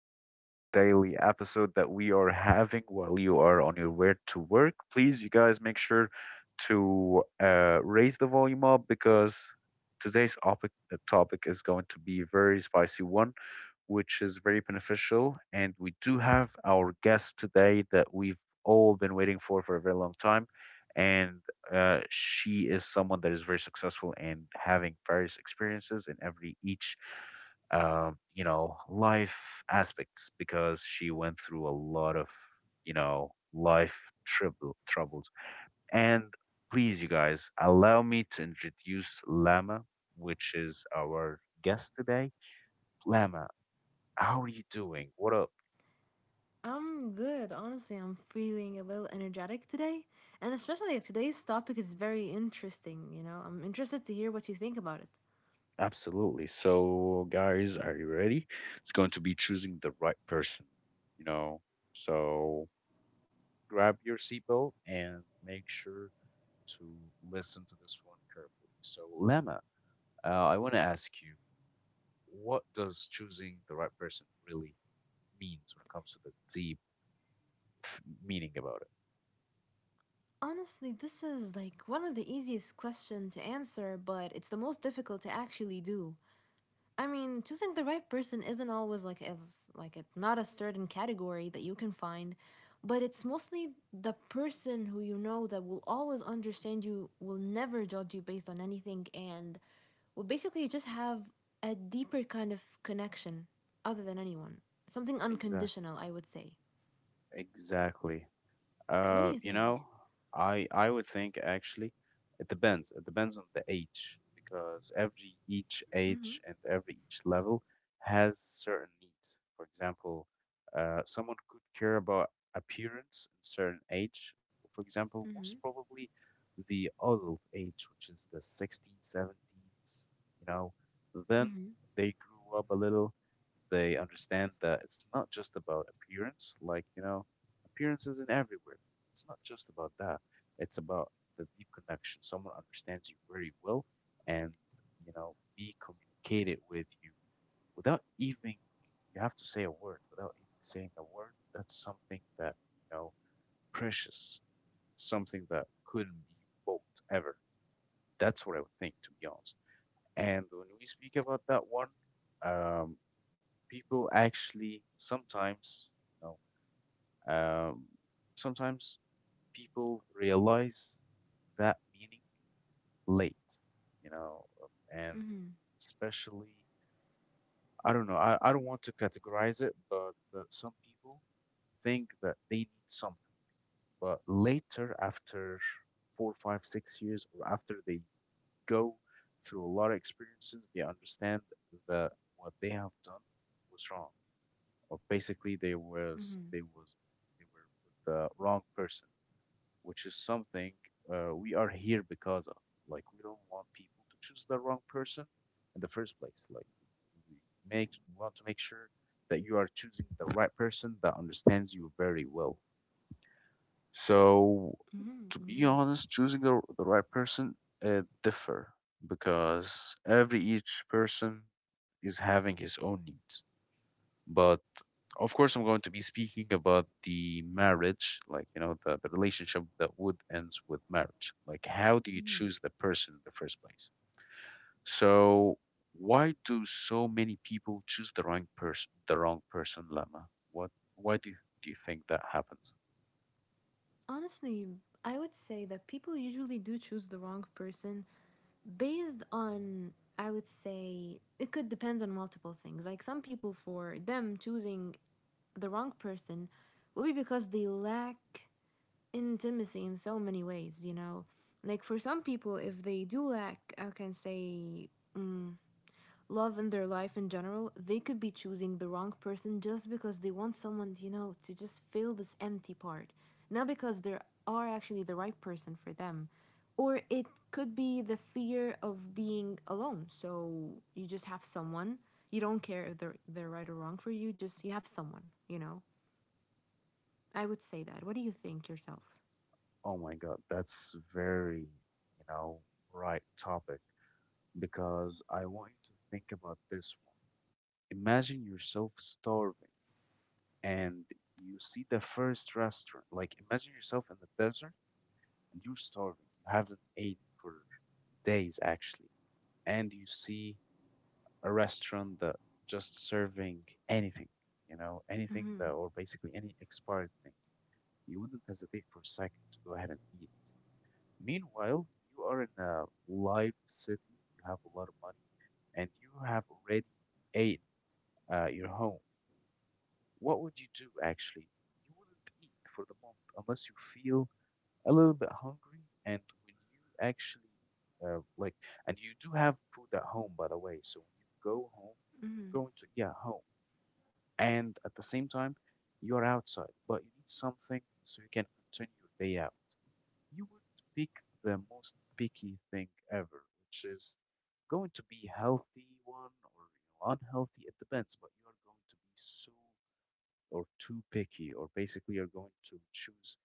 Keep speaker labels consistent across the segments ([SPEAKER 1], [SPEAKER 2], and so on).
[SPEAKER 1] new daily episode that we are having while you are on your way to work. Please, you guys, make sure to raise the volume up, because today's topic is going to be a very spicy one, which is very beneficial. And we do have our guest today that we've all been waiting for a very long time. And she is someone that is very successful and having various experiences in every each life aspects, because she went through a lot of, life troubles. And please, you guys, allow me to introduce Lama, which is our guest today. Lama, how are you doing? What up?
[SPEAKER 2] I'm good. Honestly, I'm feeling a little energetic today. And especially if today's topic is very interesting, you know? I'm interested to hear what you think about it.
[SPEAKER 1] Absolutely. So, guys, are you ready? It's going to be choosing the right person, you know. So, grab your seatbelt and make sure to listen to this one carefully. So, Lama, I want to ask you, what does choosing the right person really means when it comes to the deep meaning about it?
[SPEAKER 2] Honestly, this is like one of the easiest questions to answer, but it's the most difficult to actually do. I mean, choosing the right person isn't always like it's not a certain category that you can find, but it's mostly the person who you know that will always understand you, will never judge you based on anything, and will basically just have a deeper kind of connection other than anyone. Something
[SPEAKER 1] Exactly.
[SPEAKER 2] unconditional, I would say.
[SPEAKER 1] Exactly.
[SPEAKER 2] What do
[SPEAKER 1] Uh,
[SPEAKER 2] you
[SPEAKER 1] you
[SPEAKER 2] think?
[SPEAKER 1] know, I would think actually it depends. It depends on the age, because every each
[SPEAKER 2] Mm-hmm.
[SPEAKER 1] age and every each level has certain needs. For example, someone could care about appearance in certain age. For example,
[SPEAKER 2] Mm-hmm.
[SPEAKER 1] most probably the adult age, which is the 16, seventeens, you know, then
[SPEAKER 2] Mm-hmm.
[SPEAKER 1] they grew up a little, they understand that it's not just about appearance. Like, appearance isn't everywhere. It's not just about that. It's about the deep connection. Someone understands you very well and, be communicated with you without even, you have to say a word, without even saying a word. That's something that, you know, precious, something that couldn't be bought ever. That's what I would think, to be honest. And when we speak about that one, um, people actually sometimes, you know, um, sometimes people realize that meaning late, and
[SPEAKER 2] Mm-hmm.
[SPEAKER 1] especially, I don't know, I don't want to categorize it, but some people think that they need something, but later after 4, 5, 6 years, or after they go through a lot of experiences, they understand that what they have done was wrong, or basically
[SPEAKER 2] Mm-hmm.
[SPEAKER 1] they were with the wrong person, which is something we are here because of. Like, we don't want people to choose the wrong person in the first place. Like, we we want to make sure that you are choosing the right person that understands you very well. So,
[SPEAKER 2] Mm-hmm.
[SPEAKER 1] to be
[SPEAKER 2] Indeed.
[SPEAKER 1] honest, choosing the right person differ, because every each person is having his own needs. But of course, I'm going to be speaking about the marriage, like, the relationship that would ends with marriage. Like, how do you
[SPEAKER 2] Mm-hmm.
[SPEAKER 1] choose the person in the first place? So, why do so many people choose the wrong person, Lama? What, why do you think that happens?
[SPEAKER 2] Honestly, I would say that people usually do choose the wrong person based on, I would say, it could depend on multiple things. Like some people, for them choosing the wrong person will be because they lack intimacy in so many ways, you know? Like for some people, if they do lack, I can say, mm love and their life in general, they could be choosing the wrong person just because they want someone, you know, to just fill this empty part. Not because they are actually the right person for them. Or it could be the fear of being alone. So you just have someone. You don't care if they're right or wrong for you, just you have someone, you know? I would say that. What do you think yourself?
[SPEAKER 1] Oh my God, that's very, right topic, because I want you to think about this one. Imagine yourself starving and you see the first restaurant. Like, imagine yourself in the desert and you're starving. You haven't eaten for days actually, and you see a restaurant that just serving anything, anything
[SPEAKER 2] Mm-hmm.
[SPEAKER 1] that or basically any expired thing. You wouldn't hesitate for a second to go ahead and eat. Meanwhile, you are in a live city. You have a lot of money, and you have already eaten your home. What would you do actually? You wouldn't eat for the moment unless you feel a little bit hungry, and when you actually, uh, like, and you do have food at home, by the way. So, when you go home, you're going to, yeah, home, and at the same time, you're outside, but you need something so you can continue your day out. You would pick the most picky thing ever, which is going to be healthy one or unhealthy. It depends, but you are going to be so or too picky, or basically you're going to choose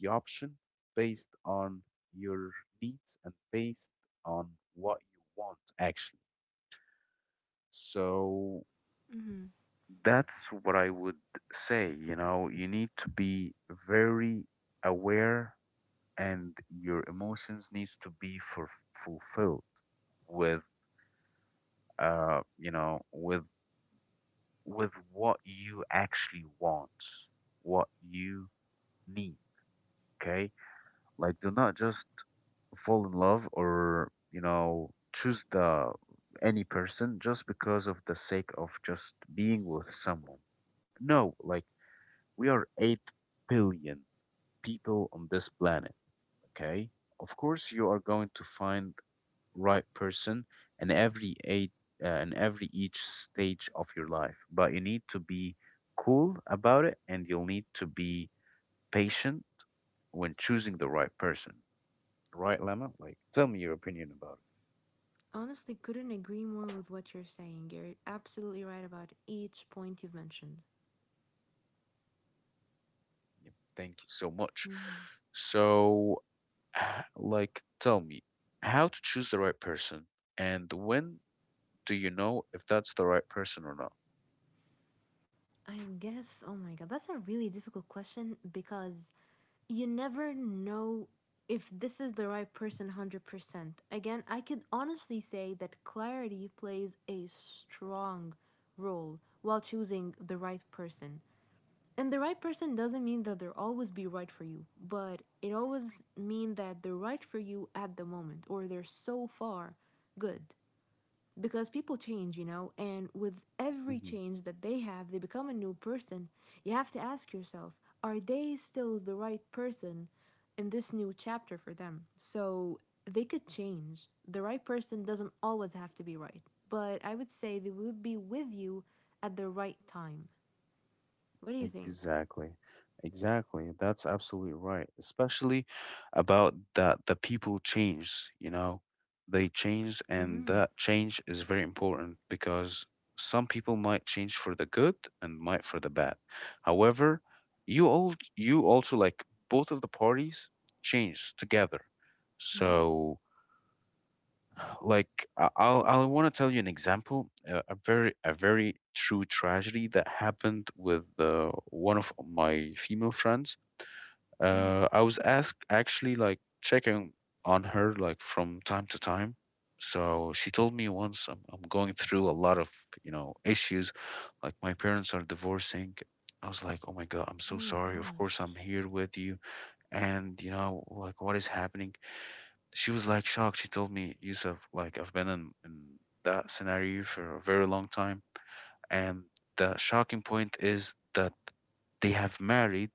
[SPEAKER 1] the option based on your needs and based on what you want actually. So,
[SPEAKER 2] Mm-hmm.
[SPEAKER 1] that's what I would say. You know, you need to be very aware, and your emotions needs to be fulfilled with uh you know with with what you actually want, what you need, okay? Like, do not just fall in love or, choose the any person just because of the sake of just being with someone. No, like, we are 8 billion people on this planet, okay? Of course you are going to find right person in every eight in every each stage of your life, but you need to be cool about it and you'll need to be patient when choosing the right person. Right, Lemma? Like, tell me your opinion about
[SPEAKER 2] Honestly, couldn't agree more with what you're saying. You're absolutely right about each point you've mentioned.
[SPEAKER 1] it. Yep, thank you so much. So, like, tell me how to choose the right person, and when do you know if that's the right person or not?
[SPEAKER 2] I guess, oh my god, that's a really difficult question because you never know if this is the right person 100%. Again, I could honestly say that clarity plays a strong role while choosing the right person. And the right person doesn't mean that they'll always be right for you, but it always mean that they're right for you at the moment, or they're so far good because people change, you know, and with every change that they have, they become a new person. You have to ask yourself, are they still the right person in this new chapter for them? So they could change. The right person doesn't always have to be right, but I would say they would be with you at the right time. What do you think?
[SPEAKER 1] Exactly. Exactly. That's absolutely right. Especially about that the people change, they change, and
[SPEAKER 2] Mm-hmm.
[SPEAKER 1] that change is very important, because some people might change for the good and might for the bad. However, you also, like, both of the parties change together.
[SPEAKER 2] Mm-hmm.
[SPEAKER 1] So, like, I want to tell you an example, a very true tragedy that happened with one of my female friends.
[SPEAKER 2] Mm-hmm.
[SPEAKER 1] I was asked actually, like, checking on her, like, from time to time. So, she told me once, I'm going through a lot of issues, like, my parents are divorcing. I was like, oh my God, I'm so
[SPEAKER 2] Oh
[SPEAKER 1] sorry. Of course, I'm
[SPEAKER 2] gosh.
[SPEAKER 1] here with you, and like what is happening. She was like shocked. She told me, Yusuf, like, I've been in that scenario for a very long time, and the shocking point is that they have married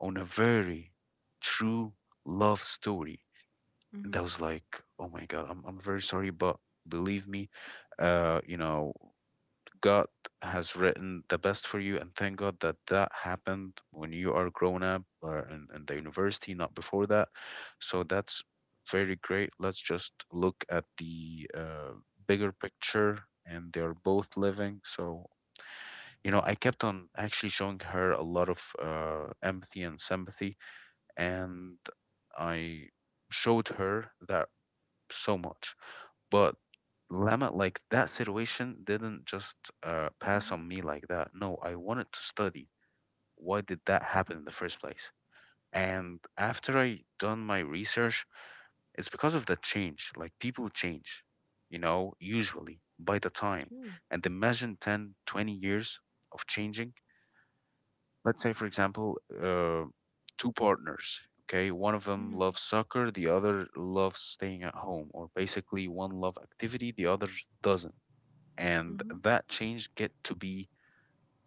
[SPEAKER 1] on a very true love story. And I
[SPEAKER 2] Mm-hmm.
[SPEAKER 1] was like, oh my God, I'm very sorry, but believe me, uh you know God has written the best for you, and thank God that that happened when you are grown up or in the university, not before that. So, that's very great. Let's just look at the bigger picture, and they're both living. So, you know, I kept on actually showing her a lot of empathy and sympathy, and I showed her that so much. But Lama, like that situation didn't just pass
[SPEAKER 2] Mm-hmm.
[SPEAKER 1] on me like that. No, I wanted to study. Why did that happen in the first place? And after I done my research, it's because of the change. Like, people change, usually by the time.
[SPEAKER 2] True.
[SPEAKER 1] And imagine 10, 20 years of changing. Let's say, for example, two partners. Okay, one of them
[SPEAKER 2] Mm-hmm.
[SPEAKER 1] loves soccer, the other loves staying at home, or basically one love activity, the other doesn't, and
[SPEAKER 2] Mm-hmm.
[SPEAKER 1] that change get to be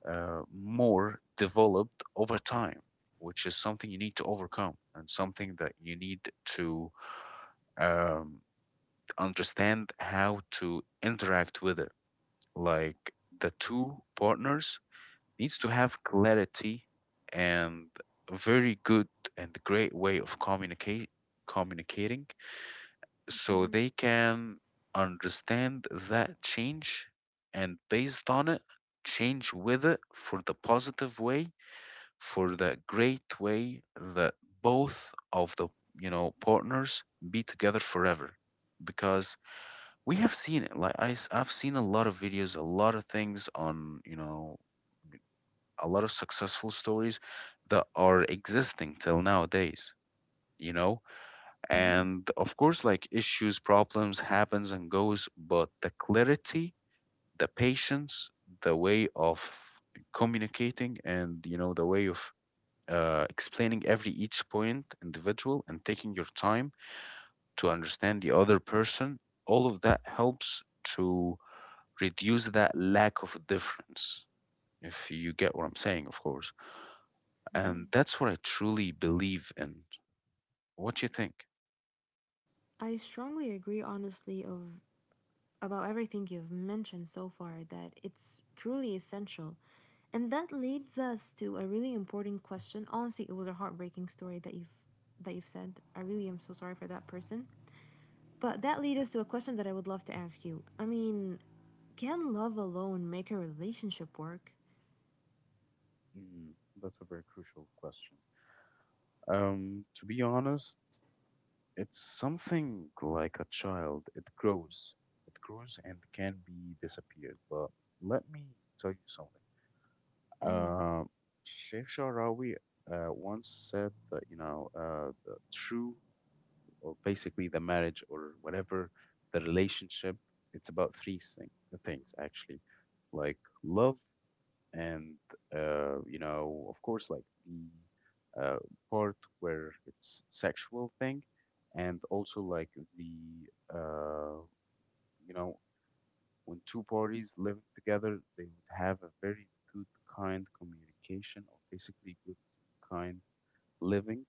[SPEAKER 1] more developed over time, which is something you need to overcome and something that you need to, um, understand how to interact with it, like the two partners needs to have clarity and a very good and great way of communicate communicating, so
[SPEAKER 2] Mm-hmm.
[SPEAKER 1] they can understand that change and, based on it, change with it for the positive way, for the great way, that both of the partners be together forever. Because we have seen it, like I've seen a lot of videos, a lot of things on, a lot of successful stories that are existing till nowadays. you know
[SPEAKER 2] Mm-hmm.
[SPEAKER 1] and of course, like issues, problems happens and goes, but the clarity, the patience, the way of communicating, and, the way of explaining every each point individual and taking your time to understand the other person, all of that helps to reduce that lack of difference, if you get what I'm saying, of course. And that's what I truly believe in. What do you think?
[SPEAKER 2] I strongly agree, honestly, of about everything you've mentioned so far, that it's truly essential. And that leads us to a really important question. Honestly, it was a heartbreaking story that you've said. I really am so sorry for that person. But that leads us to a question that I would love to ask you. I mean, can love alone make a relationship work?
[SPEAKER 1] Mm, that's a very crucial question. To be honest, it's something like a child. It grows and can be disappeared. But let me tell you something. Uh, Sheikh Sharawi once said that the true or basically the marriage or whatever the relationship, it's about three things actually, like love, and of course, like the part where it's sexual thing, and also like the uh, you know, when two parties living together, they would have a very good kind communication or basically good kind living.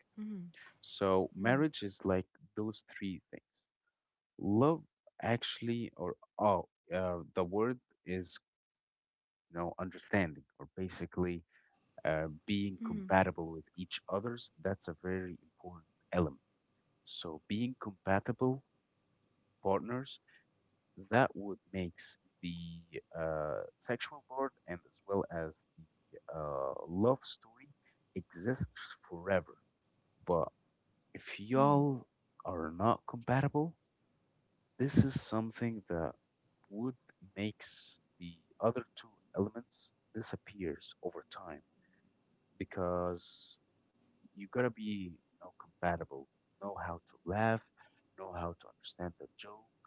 [SPEAKER 1] So,
[SPEAKER 2] Mm,
[SPEAKER 1] marriage is like those three things. Love actually, or the word is understanding, or basically being
[SPEAKER 2] mm,
[SPEAKER 1] compatible with each others. That's a very important element. So being compatible partners, that would makes the sexual part and as well as the love story exist forever. But if y'all are not compatible, this is something that would makes the other two elements disappears over time. Because you gotta be, you know, compatible, know how to laugh, know how to understand the joke,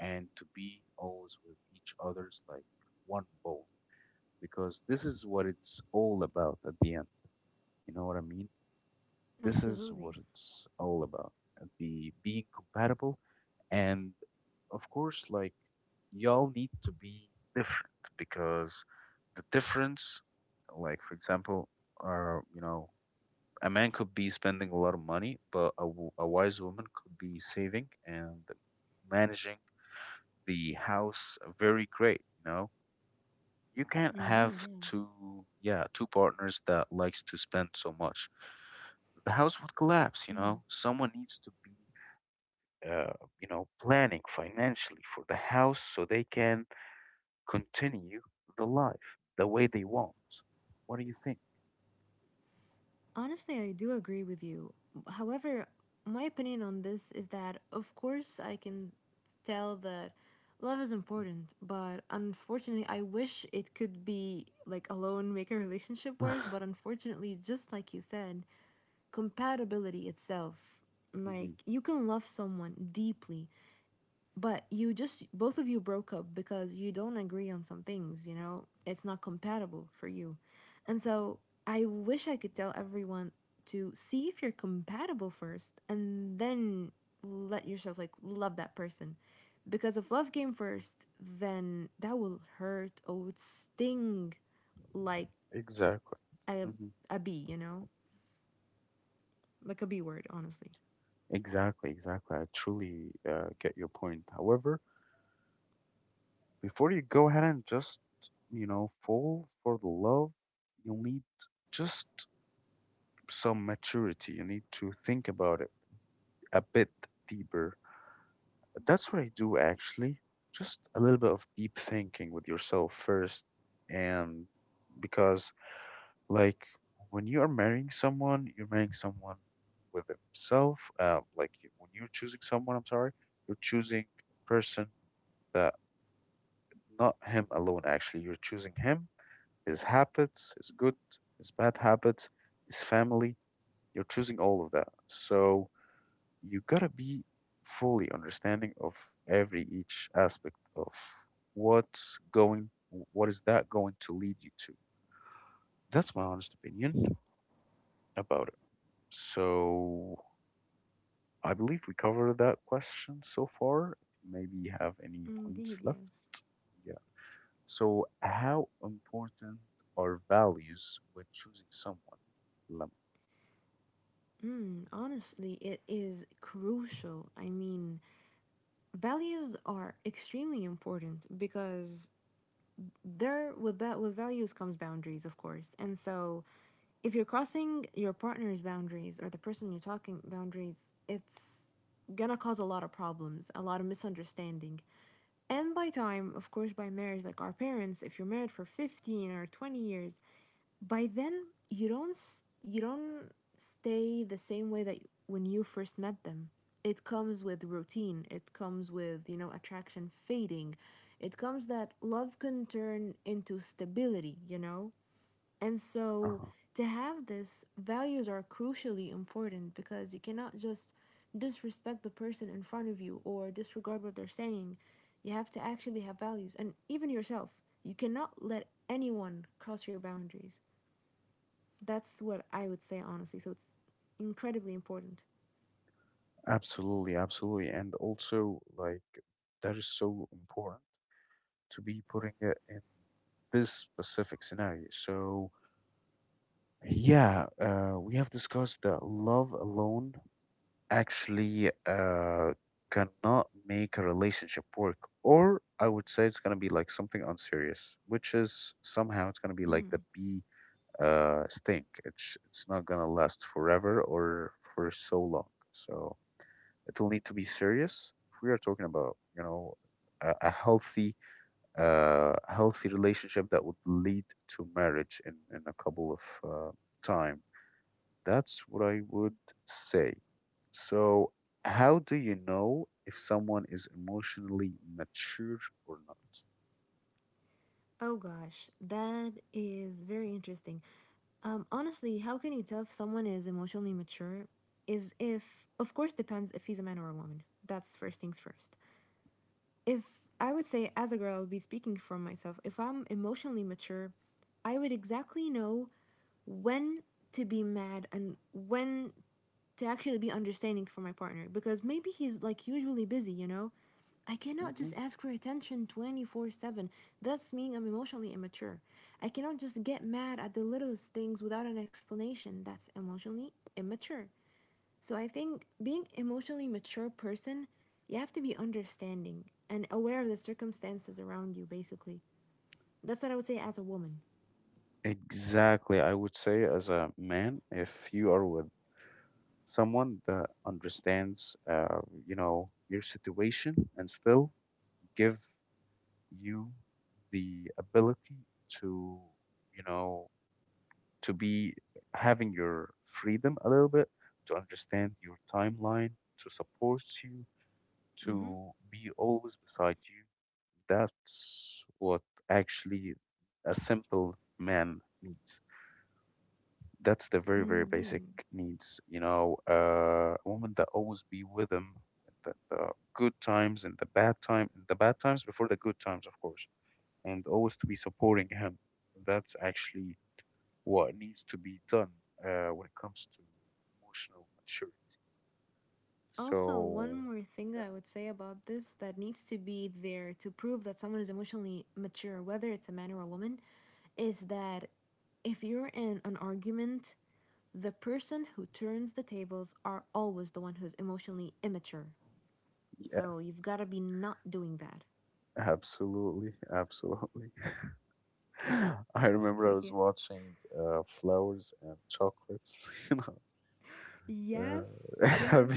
[SPEAKER 1] and to be always with each other's like one bone. Because this is what it's all about at the end, you know what I mean? This is what
[SPEAKER 2] absolutely.
[SPEAKER 1] it's all about. The being compatible, and of course, like, y'all need to be different. Because the difference, like, for example, are, you know, a man could be spending a lot of money, but a wise woman could be saving and managing the house very great, you know? You can't have
[SPEAKER 2] Indeed, yeah.
[SPEAKER 1] two, yeah, two partners that likes to spend so much. The house would collapse, you know? Someone needs to be, uh, you know, planning financially for the house so they can continue the life the way they want. What do you think?
[SPEAKER 2] Honestly, I do agree with you. However, my opinion on this is that, of course, I can tell that love is important, but unfortunately, I wish it could be like alone make a relationship
[SPEAKER 1] hmm.
[SPEAKER 2] work, but unfortunately, just like you said, compatibility itself, like, you can love someone deeply, but you just both of you broke up because you don't agree on some things, you know? It's not compatible for you. And so I wish I could tell everyone to see if you're compatible first and then let yourself like love that person, because if love came first, then that will hurt or would sting like
[SPEAKER 1] Exactly.
[SPEAKER 2] a, a bee, you know, like a b word, honestly.
[SPEAKER 1] Exactly, exactly. I truly get your point. However, before you go ahead and just, you know, fall for the love, you'll need just some maturity. You need to think about it a bit deeper. That's what I do actually. Just a little bit of deep thinking with yourself first. And because, like, when you are marrying someone, you're marrying someone with himself. Like, you- when you're choosing someone, I'm sorry, you're choosing a person that not him alone, actually. You're choosing him, his habits, his good, his bad habits, his family. You're choosing all of that. So you gotta be fully understanding of every each aspect of what's going, what is that going to lead you to. That's my honest opinion about it. So I believe we covered that question so far. If you maybe have any points
[SPEAKER 2] Indeed,
[SPEAKER 1] left,
[SPEAKER 2] yes.
[SPEAKER 1] so, how important are values when choosing someone? Lama.
[SPEAKER 2] Mm, honestly, it is crucial. I mean, values are extremely important, because there, with that, with values comes boundaries, of course. And so if you're crossing your partner's boundaries or the person you're talking boundaries, it's gonna cause a lot of problems, a lot of misunderstanding. And by time, of course, by marriage, like our parents, if you're married for 15 or 20 years, by then you don't, you don't stay the same way that when you first met them. It comes with routine, it comes with, you know, attraction fading. It comes that love can turn into stability, you know? And so
[SPEAKER 1] Uh-huh.
[SPEAKER 2] to have this values are crucially important, because you cannot just disrespect the person in front of you or disregard what they're saying. You have to actually have values, and even yourself, you cannot let anyone cross your boundaries. That's what I would say, honestly. So it's incredibly important.
[SPEAKER 1] Absolutely, absolutely. And also, like, that is so important to be putting it in this specific scenario. So, yeah, we have discussed that love alone actually cannot make a relationship work. Or I would say it's going to be like something unserious, which is somehow it's going to be like the B stink. It's not gonna last forever or for so long. So it'll need to be serious if we are talking about, you know, a healthy healthy relationship that would lead to marriage in a couple of time. That's what I would say. So how do you know if someone is emotionally mature or not?
[SPEAKER 2] Oh gosh, that is very interesting. Honestly, how can you tell if someone is emotionally mature? Is if, of course, depends if he's a man or a woman. That's first things first. If, I would say, as a girl, I would be speaking from myself, if I'm emotionally mature, I would exactly know when to be mad and when to actually be understanding for my partner, because maybe he's like usually busy, you know? I cannot
[SPEAKER 1] Hmm.
[SPEAKER 2] just ask for attention 24/7. That's mean I'm emotionally immature. I cannot just get mad at the littlest things without an explanation. That's emotionally immature. So I think being emotionally mature person, you have to be understanding and aware of the circumstances around you, basically. That's what I would say as a woman.
[SPEAKER 1] Exactly. I would say, as a man, if you are with someone that understands, you know, your situation and still give you the ability to, you know, to be having your freedom a little bit, to understand your timeline, to support you,
[SPEAKER 2] Mm-hmm.
[SPEAKER 1] to be always beside you. That's what actually a simple man needs. That's the very very
[SPEAKER 2] Indeed.
[SPEAKER 1] basic needs, you know, a woman that always be with him in the good times and the bad time, and the bad times before the good times, of course, and always to be supporting him. That's actually what needs to be done when it comes to emotional maturity.
[SPEAKER 2] Also, one
[SPEAKER 1] So
[SPEAKER 2] more thing I would say about this that needs to be there to prove that someone is emotionally mature, whether it's a man or a woman, is that if you're in an argument, the person who turns the tables are always the one who's emotionally immature.
[SPEAKER 1] yes.
[SPEAKER 2] So you've got to be not doing that.
[SPEAKER 1] Absolutely, absolutely. I remember I was
[SPEAKER 2] Yeah.
[SPEAKER 1] watching flowers and chocolates. You know,
[SPEAKER 2] Yes,
[SPEAKER 1] have,
[SPEAKER 2] yes.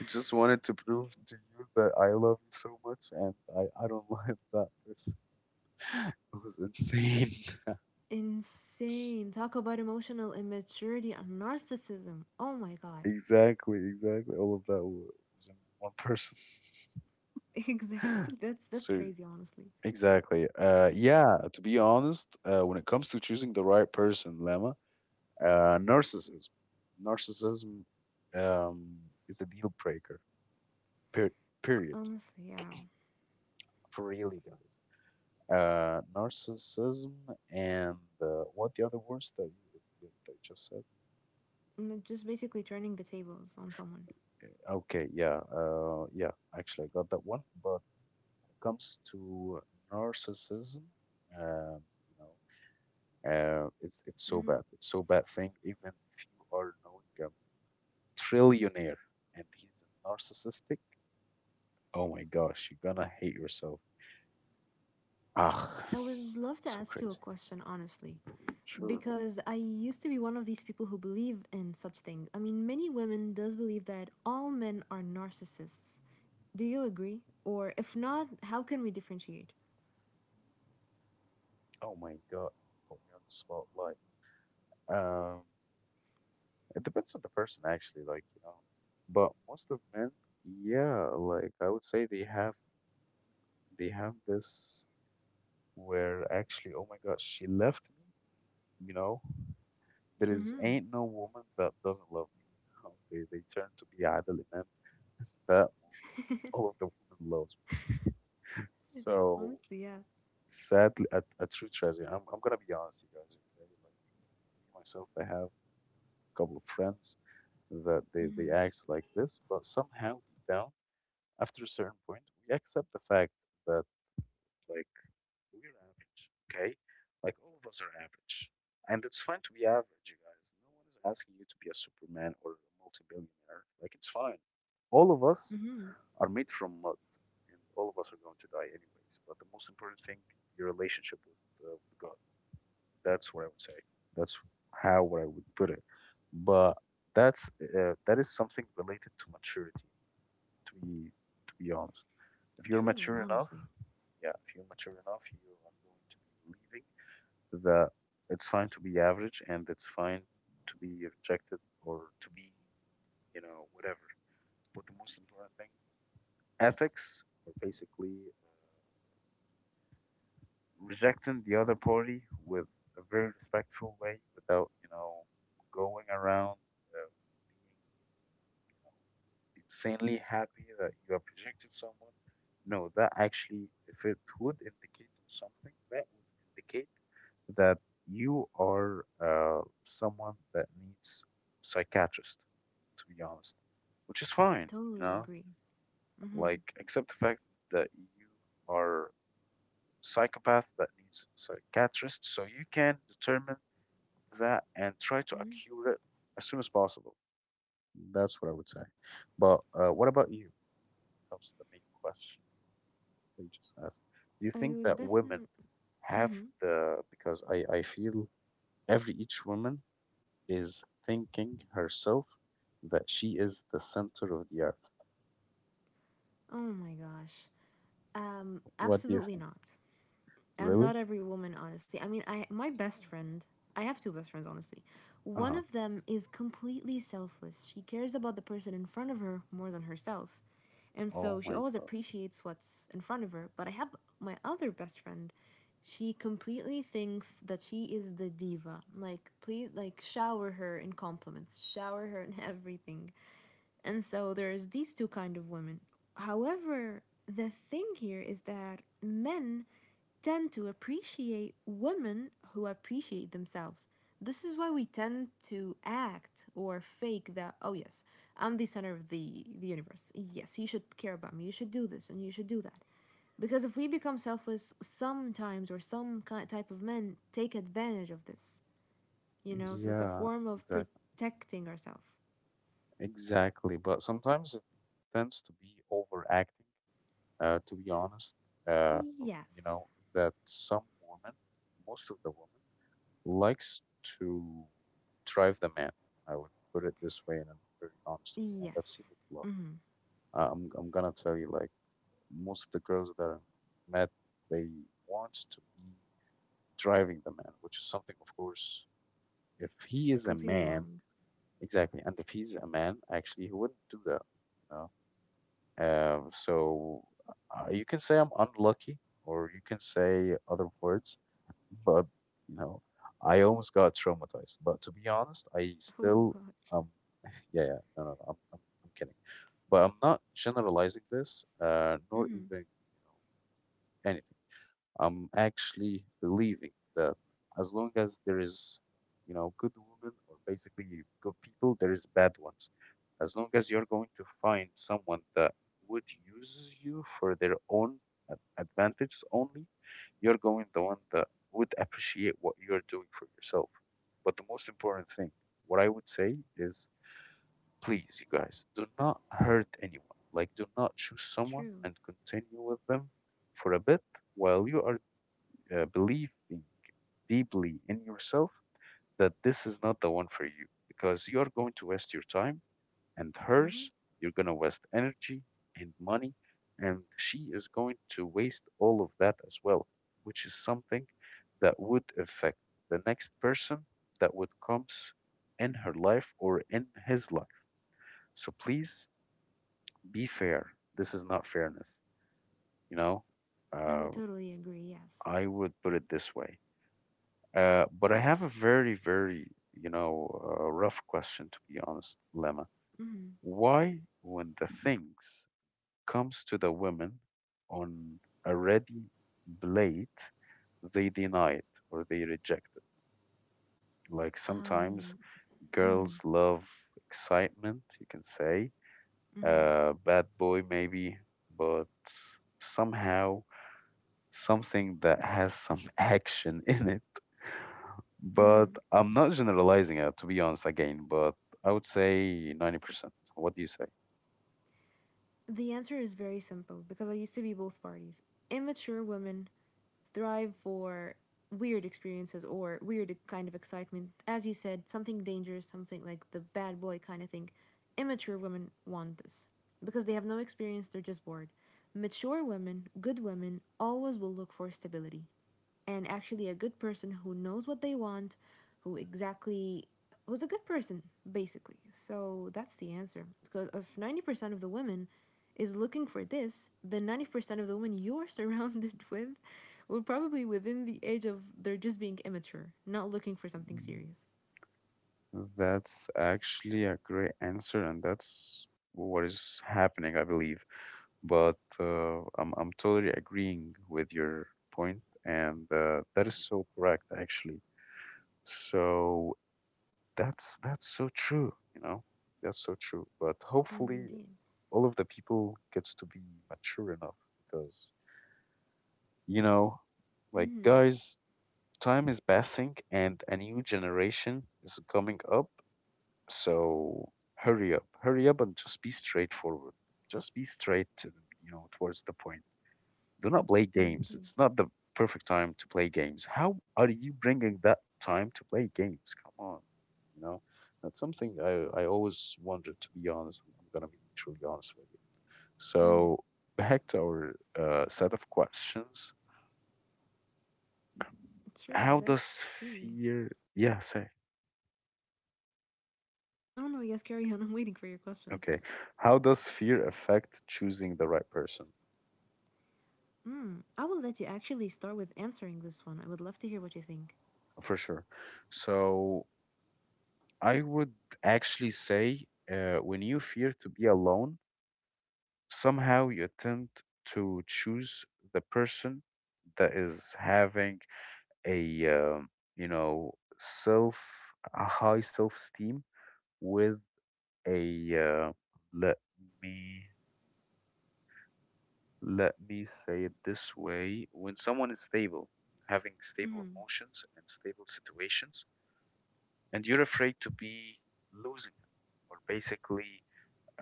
[SPEAKER 1] I just wanted to prove to you that I love you so much, and I don't like that person. It was insane.
[SPEAKER 2] Insane. Talk about emotional immaturity and narcissism. Oh my god.
[SPEAKER 1] Exactly, exactly. All of that was in one person.
[SPEAKER 2] Exactly. That's
[SPEAKER 1] So,
[SPEAKER 2] crazy, honestly.
[SPEAKER 1] exactly. Yeah, to be honest, when it comes to choosing the right person, Lemma, narcissism. Narcissism, um, is a deal breaker. Per- Period.
[SPEAKER 2] Honestly, yeah.
[SPEAKER 1] For really, guys. Narcissism, and what the other words that that you just said?
[SPEAKER 2] Mm, just basically turning the tables on someone.
[SPEAKER 1] Okay, yeah, yeah. Actually, I got that one. But when it comes to narcissism, um, you know, it's so bad. It's so bad thing. Even if you are knowing a trillionaire and he's narcissistic, oh my gosh, you're gonna hate yourself. Ah,
[SPEAKER 2] I would love to
[SPEAKER 1] so
[SPEAKER 2] ask you a
[SPEAKER 1] crazy.
[SPEAKER 2] question, honestly,
[SPEAKER 1] Sure.
[SPEAKER 2] because I used to be one of these people who believe in such thing. I mean, many women does believe that all men are narcissists. Do you agree? Or if not, how can we differentiate?
[SPEAKER 1] Oh my god, you put me on the spotlight. Um, It depends on the person, actually, like, you know. But most of men, yeah, like I would say they have this where actually, oh my gosh, she left me, you know. There is
[SPEAKER 2] Mm-hmm.
[SPEAKER 1] ain't no woman that doesn't love me. You know, they turn to be Adel Imam in that movie. All of the women loves me. So
[SPEAKER 2] Honestly, yeah.
[SPEAKER 1] sadly, a true treasure. I'm gonna be honest, you guys, okay? Like me myself, I have a couple of friends that they
[SPEAKER 2] Mm-hmm.
[SPEAKER 1] act like this, but somehow deep down after a certain point, we accept the fact that, like, we're average, okay? Like all of us are average, and it's fine to be average, you guys. No one is asking you to be a Superman or a multi-billionaire. Like it's fine. All of us
[SPEAKER 2] Mm-hmm.
[SPEAKER 1] are made from mud, and all of us are going to die anyways. But the most important thing, your relationship with God. That's what I would say. That's how what I would put it. But that's that is something related to maturity, to be to be honest. If you're
[SPEAKER 2] True,
[SPEAKER 1] mature enough,
[SPEAKER 2] honestly.
[SPEAKER 1] yeah, if you're mature enough, you are going to be believing that it's fine to be average and it's fine to be rejected or to be, you know, whatever. But the most important thing, ethics are basically rejecting the other party with a very respectful way without, you know, going around being, you know, insanely happy that you have rejected someone. No, that actually, if it would indicate on something, that would indicate that you are someone that needs psychiatrist, to be honest, which is fine, you
[SPEAKER 2] Totally
[SPEAKER 1] know,
[SPEAKER 2] agree. Mm-hmm.
[SPEAKER 1] like accept the fact that you are psychopath that needs psychiatrist, so you can determine that and try to
[SPEAKER 2] Mm-hmm.
[SPEAKER 1] accure it as soon as possible. That's what I would say. But what about you? Comes to the main question they just asked. Do you
[SPEAKER 2] I
[SPEAKER 1] think
[SPEAKER 2] would
[SPEAKER 1] that women
[SPEAKER 2] definitely.
[SPEAKER 1] have the, because I feel every each woman is thinking herself that she is the center of the earth.
[SPEAKER 2] Oh my gosh.
[SPEAKER 1] What do you
[SPEAKER 2] Absolutely
[SPEAKER 1] think?
[SPEAKER 2] not. And
[SPEAKER 1] Really?
[SPEAKER 2] not every woman, honestly. I mean, I, my best friend, I have two best friends, honestly. One
[SPEAKER 1] Uh-huh.
[SPEAKER 2] of them is completely selfless, she cares about the person in front of her more than herself, and so
[SPEAKER 1] Oh
[SPEAKER 2] she
[SPEAKER 1] my
[SPEAKER 2] always
[SPEAKER 1] God.
[SPEAKER 2] appreciates what's in front of her. But I have my other best friend, she completely thinks that she is the diva, like please, like, shower her in compliments, shower her in everything. And so there's these two kind of women. However, the thing here is that men tend to appreciate women who appreciate themselves. This is why we tend to act or fake that, oh yes, I'm the center of the universe. Yes, you should care about me, you should do this and you should do that. Because if we become selfless sometimes, or some type of men take advantage of this, you know, so it's a
[SPEAKER 1] Yeah,
[SPEAKER 2] form of
[SPEAKER 1] exactly.
[SPEAKER 2] protecting ourselves.
[SPEAKER 1] Exactly. But sometimes it tends to be overacting, to be honest. Uh, you
[SPEAKER 2] Yes.
[SPEAKER 1] know, that some women, most of the women, likes to drive the man. I would put it this way in a very honest way, and I've seen
[SPEAKER 2] Yes,
[SPEAKER 1] it a lot. I'm gonna tell you, like most of the girls that I met, they want to be driving the man, which is something, of course, if he is a
[SPEAKER 2] completely
[SPEAKER 1] man,
[SPEAKER 2] wrong.
[SPEAKER 1] exactly, and if he's a man, actually, he wouldn't do that, you know. So you can say I'm unlucky, or you can say other words. But, you know, I almost got traumatized. But to be honest, I
[SPEAKER 2] Oh
[SPEAKER 1] still,
[SPEAKER 2] gosh.
[SPEAKER 1] um, yeah, yeah, no, no, no, I'm kidding. But I'm not generalizing this, nor
[SPEAKER 2] Hmm.
[SPEAKER 1] even, you know, anything. I'm actually believing that as long as there is, you know, good women or basically good people, there is bad ones. As long as you're going to find someone that would use you for their own advantage only, you're going the one that would appreciate what you're doing for yourself. But the most important thing, what I would say is please, you guys, do not hurt anyone. Like, do not choose someone
[SPEAKER 2] True.
[SPEAKER 1] and continue with them for a bit while you are believing deeply in yourself that this is not the one for you, because you're going to waste your time and
[SPEAKER 2] Hmm.
[SPEAKER 1] hers, you're going to waste energy and money, and she is going to waste all of that as well, which is something that would affect the next person that would comes in her life or in his life. So please be fair. This is not fairness, you know?
[SPEAKER 2] I
[SPEAKER 1] Uh,
[SPEAKER 2] would totally agree. Yes.
[SPEAKER 1] I would put it this way. But I have a very, very, you know, rough question, to be honest, Lemma.
[SPEAKER 2] Hmm.
[SPEAKER 1] Why, when the things comes to the women on a ready plate, they deny it or they reject it? Like
[SPEAKER 2] Um.
[SPEAKER 1] sometimes
[SPEAKER 2] Hmm.
[SPEAKER 1] girls love excitement, you can say,
[SPEAKER 2] Hmm.
[SPEAKER 1] bad boy maybe, but somehow something that has some action in it.
[SPEAKER 2] Hmm.
[SPEAKER 1] But I'm not generalizing it, to be honest, again, but I would say 90%. What do you say?
[SPEAKER 2] The answer is very simple, because I used to be both parties. Immature women thrive for weird experiences or weird kind of excitement. As you said, something dangerous, something like the bad boy kind of thing. Immature women want this because they have no experience, they're just bored. Mature women, good women, always will look for stability and actually a good person who knows what they want, who exactly, who's a good person, basically. So that's the answer, because if 90% of the women is looking for this, then 90% of the women you're surrounded with will probably within the age of they're just being immature, not looking for something
[SPEAKER 1] Mm,
[SPEAKER 2] serious.
[SPEAKER 1] that's actually a great answer, and that's what is happening, I believe. But I'm totally agreeing with your point, and that is so correct, actually. So that's so true, you know. That's so true. But hopefully,
[SPEAKER 2] Indeed.
[SPEAKER 1] all of the people gets to be mature enough because you know like
[SPEAKER 2] Mm,
[SPEAKER 1] guys time is passing and a new generation is coming up so hurry up and just be straightforward, just be straight to the, towards the point. Do not play games.
[SPEAKER 2] indeed.
[SPEAKER 1] It's not the perfect time to play games. How are you bringing that time to play games? Come on, you know that's something I always wondered, to be honest. I'm gonna be truly honest with you.
[SPEAKER 2] Mm,
[SPEAKER 1] So back to our set of questions.
[SPEAKER 2] sure,
[SPEAKER 1] How
[SPEAKER 2] let's
[SPEAKER 1] does
[SPEAKER 2] see.
[SPEAKER 1] fear? Yeah, say
[SPEAKER 2] Oh no, yes, carry on. I'm waiting for your question.
[SPEAKER 1] okay. How does fear affect choosing the right person?
[SPEAKER 2] Mm, I will let you actually start with answering this one. I would love to hear what you think.
[SPEAKER 1] For sure. So I would actually say, when you fear to be alone, somehow you attempt to choose the person that is having a you know self, a high self esteem with a let me let me say it this way. When someone is stable, having stable
[SPEAKER 2] Mm-hmm,
[SPEAKER 1] emotions and stable situations, and you're afraid to be losing him, or basically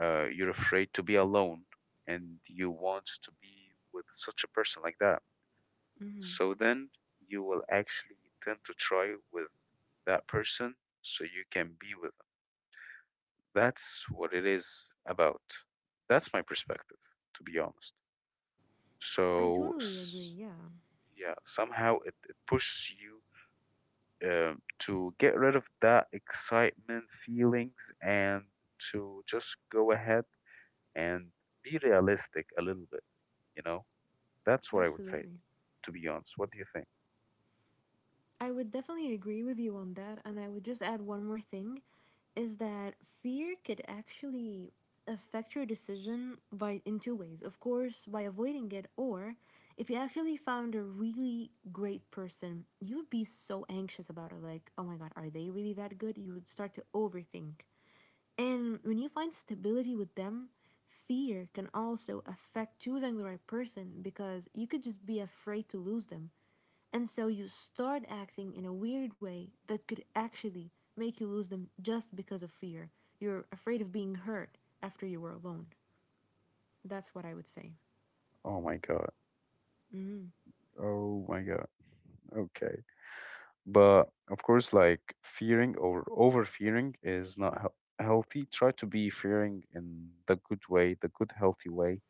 [SPEAKER 1] you're afraid to be alone and you want to be with such a person like that,
[SPEAKER 2] mm-hmm.
[SPEAKER 1] so then you will actually tend to try with that person so you can be with them. That's what it is about. That's my perspective, to be honest.
[SPEAKER 2] I
[SPEAKER 1] So
[SPEAKER 2] totally agree.
[SPEAKER 1] s-
[SPEAKER 2] Yeah,
[SPEAKER 1] yeah, somehow it pushes you to get rid of that excitement feelings and to just go ahead and be realistic a little bit. You know, that's what I would say,
[SPEAKER 2] absolutely.
[SPEAKER 1] to be honest. What do you think?
[SPEAKER 2] I would definitely agree with you on that. And I would just add one more thing, is that fear could actually affect your decision by in two ways. Of course, by avoiding it, or if you actually found a really great person, you would be so anxious about it, like, "Oh my god, are they really that good?" You would start to overthink. And when you find stability with them, fear can also affect choosing the right person because you could just be afraid to lose them. And so you start acting in a weird way that could actually make you lose them just because of fear. You're afraid of being hurt after you were alone. That's what I would say.
[SPEAKER 1] Oh my God.
[SPEAKER 2] Mm,
[SPEAKER 1] Oh my God. Okay. But of course, like fearing or over fearing is not healthy. Try to be fearing in the good way, the good, healthy way,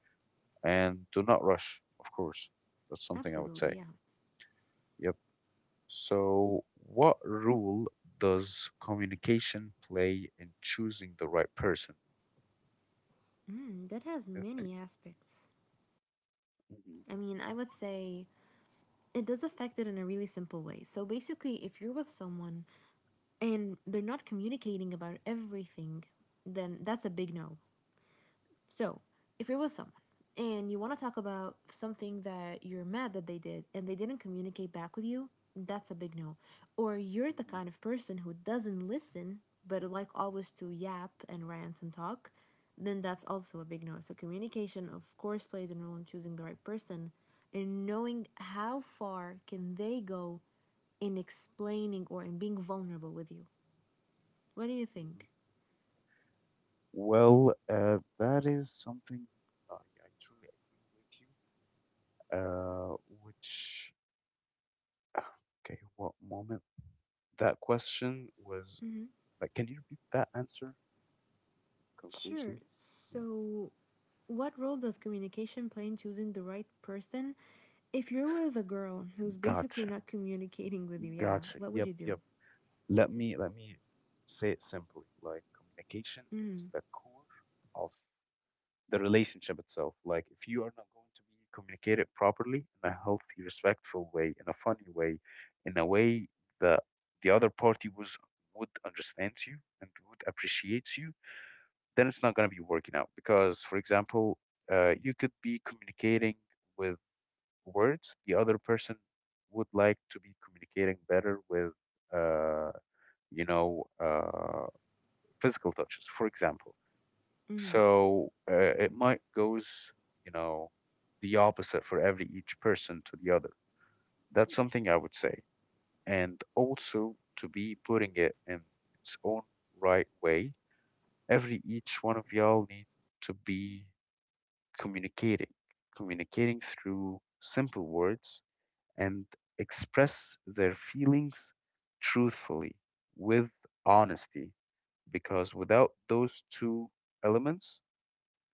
[SPEAKER 1] and do not rush, of course. That's something I would
[SPEAKER 2] absolutely,
[SPEAKER 1] say.
[SPEAKER 2] yeah.
[SPEAKER 1] Yep. So, what role does communication play in choosing the right person?
[SPEAKER 2] Mm, that has
[SPEAKER 1] I think.
[SPEAKER 2] many aspects.
[SPEAKER 1] Mhm,
[SPEAKER 2] I mean, I would say it does affect it in a really simple way. So basically, if you're with someone and they're not communicating about everything, then that's a big no. So, if you're with someone and you want to talk about something that you're mad that they did and they didn't communicate back with you, that's a big no. Or you're the
[SPEAKER 1] mhm,
[SPEAKER 2] kind of person who doesn't listen but like always to yap and rant and talk, then that's also a big no. So communication of course plays a role in choosing the right person and knowing how far can they go in explaining or in being vulnerable with you. What do you
[SPEAKER 1] mhm.
[SPEAKER 2] think?
[SPEAKER 1] Well, that is something I truly agree with you. Which, ah, okay, what moment? That question was
[SPEAKER 2] Hmm.
[SPEAKER 1] like, can you repeat that answer
[SPEAKER 2] Sure.
[SPEAKER 1] conclusively? Yeah.
[SPEAKER 2] So, what role does communication play in choosing the right person? If you're with a girl who's basically
[SPEAKER 1] Gotcha.
[SPEAKER 2] not communicating with you, yeah,
[SPEAKER 1] Gotcha.
[SPEAKER 2] what would
[SPEAKER 1] Yep.
[SPEAKER 2] you do?
[SPEAKER 1] Yep. Let me say it simply. Like communication is
[SPEAKER 2] Hmm.
[SPEAKER 1] the core of the relationship itself. Like if you are not going to be communicated properly in a healthy, respectful way, in a funny way, in a way that the other party was would understand you and would appreciate you, then it's not going to be working out. Because, for example, you could be communicating with words, the other person would like to be communicating better with. Uh, you know, uh, physical touches, for example. So it might goes, you know, the opposite for every each person to the other. That's something I would say. And also to be putting it in its own right way, every each one of y'all need to be communicating, communicating through simple words and express their feelings truthfully with honesty, because without those two elements,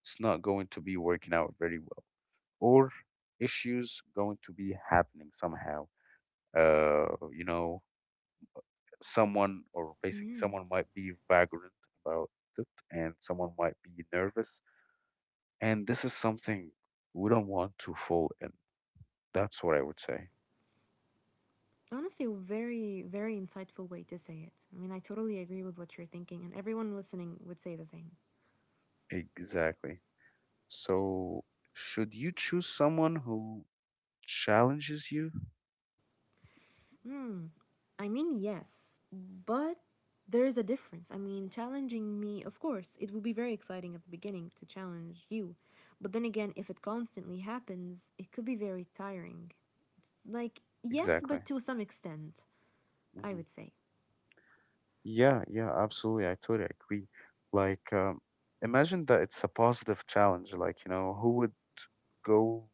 [SPEAKER 1] it's not going to be working out very well, or issues going to be happening somehow. You know, someone or basically someone might be vagrant about it, and someone might be nervous, and this is something we don't want to fall in. That's what I would say.
[SPEAKER 2] Honestly, very, very insightful way to say it. I mean, I totally agree with what you're thinking, and everyone listening would say the same.
[SPEAKER 1] Exactly. So, should you choose someone who challenges you?
[SPEAKER 2] Hmm. I mean, yes, but there is a difference. I mean, challenging me, of course, it will be very exciting at the beginning to challenge you. But then again, if it constantly happens, it could be very tiring. Like, yes,
[SPEAKER 1] Exactly.
[SPEAKER 2] but to some extent, I
[SPEAKER 1] Hmm.
[SPEAKER 2] would say.
[SPEAKER 1] Yeah, yeah, absolutely. I totally agree. Like, imagine that it's a positive challenge. Like, you know, who would go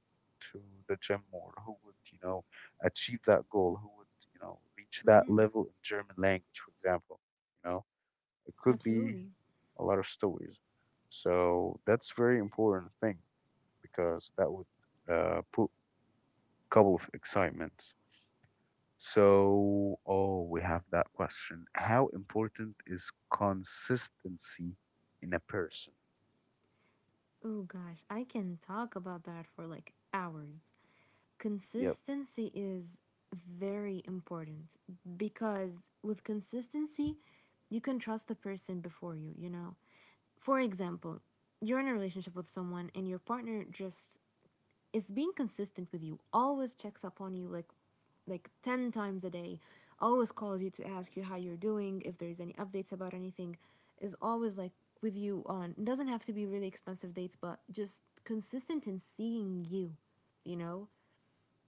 [SPEAKER 1] to the gym more? Who would, you know, achieve that goal? Who would, you know, reach that
[SPEAKER 2] Hmm.
[SPEAKER 1] level in German language, for example? You know, it could be
[SPEAKER 2] Absolutely.
[SPEAKER 1] a lot of stories. So that's very important thing, because that would put couple of excitements. So, oh, we have that question. How important is consistency in a person?
[SPEAKER 2] Oh gosh, I can talk about that for like hours.
[SPEAKER 1] Yep.
[SPEAKER 2] Consistency is very important because with consistency, you can trust the person before you, you know? For example, you're in a relationship with someone and your partner just is being consistent with you, always checks up on you, like 10 times a day, always calls you to ask you how you're doing if there's any updates about anything, is always like with you on it. Doesn't have to be really expensive dates, but just consistent in seeing you, you know?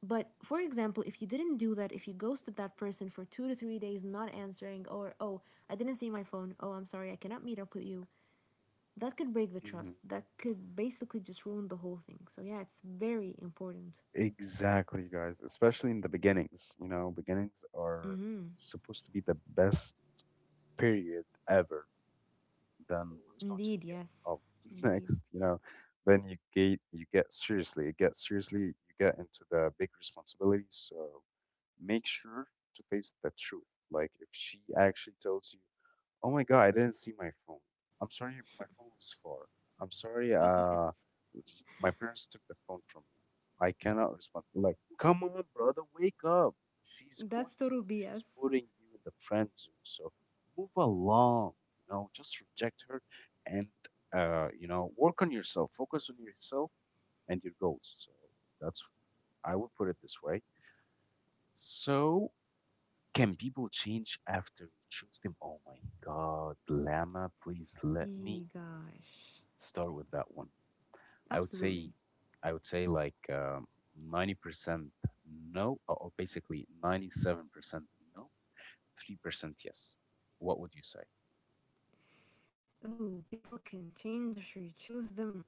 [SPEAKER 2] But for example, if you didn't do that, if you ghosted that person for 2 to 3 days, not answering, or, oh, I didn't see my phone, oh, I'm sorry, I cannot meet up with you, that could break the
[SPEAKER 1] Hmm.
[SPEAKER 2] trust. That could basically just ruin the whole thing. So yeah, it's very important.
[SPEAKER 1] Exactly, guys. Especially in the beginnings. You know, beginnings are
[SPEAKER 2] Hmm.
[SPEAKER 1] supposed to be the best period ever. Than what's going to
[SPEAKER 2] Indeed,
[SPEAKER 1] be
[SPEAKER 2] yes.
[SPEAKER 1] up
[SPEAKER 2] Indeed.
[SPEAKER 1] next, you know, then you get seriously, you get seriously, you get into the big responsibilities. So make sure to face the truth. Like if she actually tells you, "Oh my God, I didn't see my phone. I'm sorry, my phone was far. I'm sorry, my parents took the phone from me. I cannot respond." Like, come on, brother, wake up. She's
[SPEAKER 2] That's
[SPEAKER 1] ghosting you.
[SPEAKER 2] total
[SPEAKER 1] She's
[SPEAKER 2] BS.
[SPEAKER 1] putting you in the friend zone. So move along. You know, just reject her and, you know, work on yourself, focus on yourself and your goals. So that's, I would put it this way. So, can people change after you choose them? Oh my God, Lama, please let me
[SPEAKER 2] Yee, gosh.
[SPEAKER 1] start with that one. I would say,
[SPEAKER 2] Absolutely.
[SPEAKER 1] I would say like 90% no, or basically 97% no, 3% yes. What would you say?
[SPEAKER 2] Ooh, people can change if you choose them.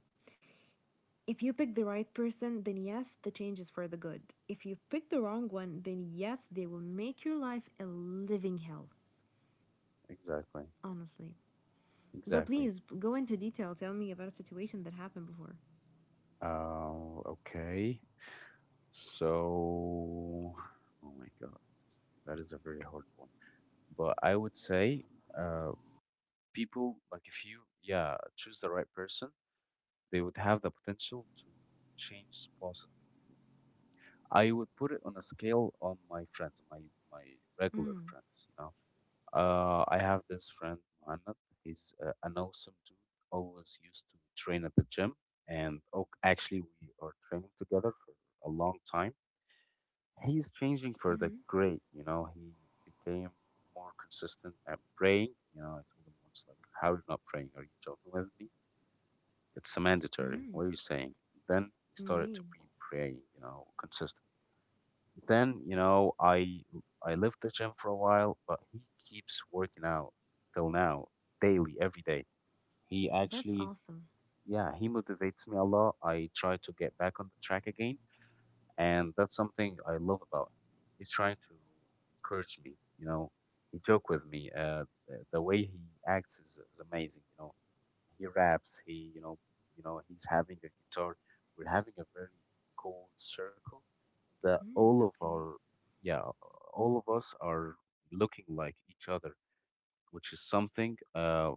[SPEAKER 2] If you pick the right person, then yes, the change is for the good. If you pick the wrong one, then yes, they will make your life a living hell,
[SPEAKER 1] Exactly.
[SPEAKER 2] honestly. But
[SPEAKER 1] Exactly.
[SPEAKER 2] please go into detail. Tell me about a situation that happened before.
[SPEAKER 1] Okay. So, oh my God, that is a very hard one. But I would say, uh, people like if you, yeah, choose the right person, they would have the potential to change positively. I would put it on a scale on my friends, my regular friends, you know. I have this friend, Muhammad. He's an awesome dude. Always used to train at the gym, and oh, actually, we are training together for a long time. He's changing for the
[SPEAKER 2] Mm-hmm.
[SPEAKER 1] great, you know. He became more consistent at praying. You know, I told him once, like, how are you not praying? Are you joking with me? It's a mandatory.
[SPEAKER 2] Mm-hmm.
[SPEAKER 1] What are you saying? Then he started to
[SPEAKER 2] Indeed.
[SPEAKER 1] be praying, you know, consistent. Then, you know, I left the gym for a while, but he keeps working out till now, daily, every day. He
[SPEAKER 2] That's
[SPEAKER 1] actually,
[SPEAKER 2] awesome.
[SPEAKER 1] yeah, he motivates me a lot. I try to get back on the track again, and that's something I love about him. He's trying to encourage me, you know. He joke with me. The way he acts is amazing, you know. He raps. He, you know, he's having a guitar. We're having a very cool circle that
[SPEAKER 2] Mm, okay.
[SPEAKER 1] yeah, all of us are looking like each other, which is something.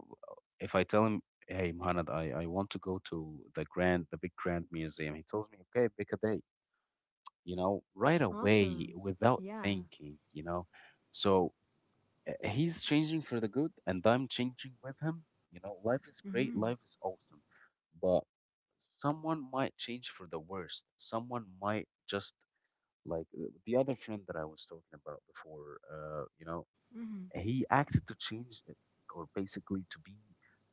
[SPEAKER 1] If I tell him, hey, Mohamed, I want to go to the grand, the big grand museum, he tells me, okay, pick a day, you know, right away
[SPEAKER 2] Awesome.
[SPEAKER 1] without
[SPEAKER 2] Yeah.
[SPEAKER 1] thinking, you know. So he's changing for the good, and I'm changing with him. You know, life is great,
[SPEAKER 2] Mm-hmm.
[SPEAKER 1] life is awesome, but someone might change for the worst. Someone might just like the other friend that I was talking about before. You know, he acted to change, or basically to be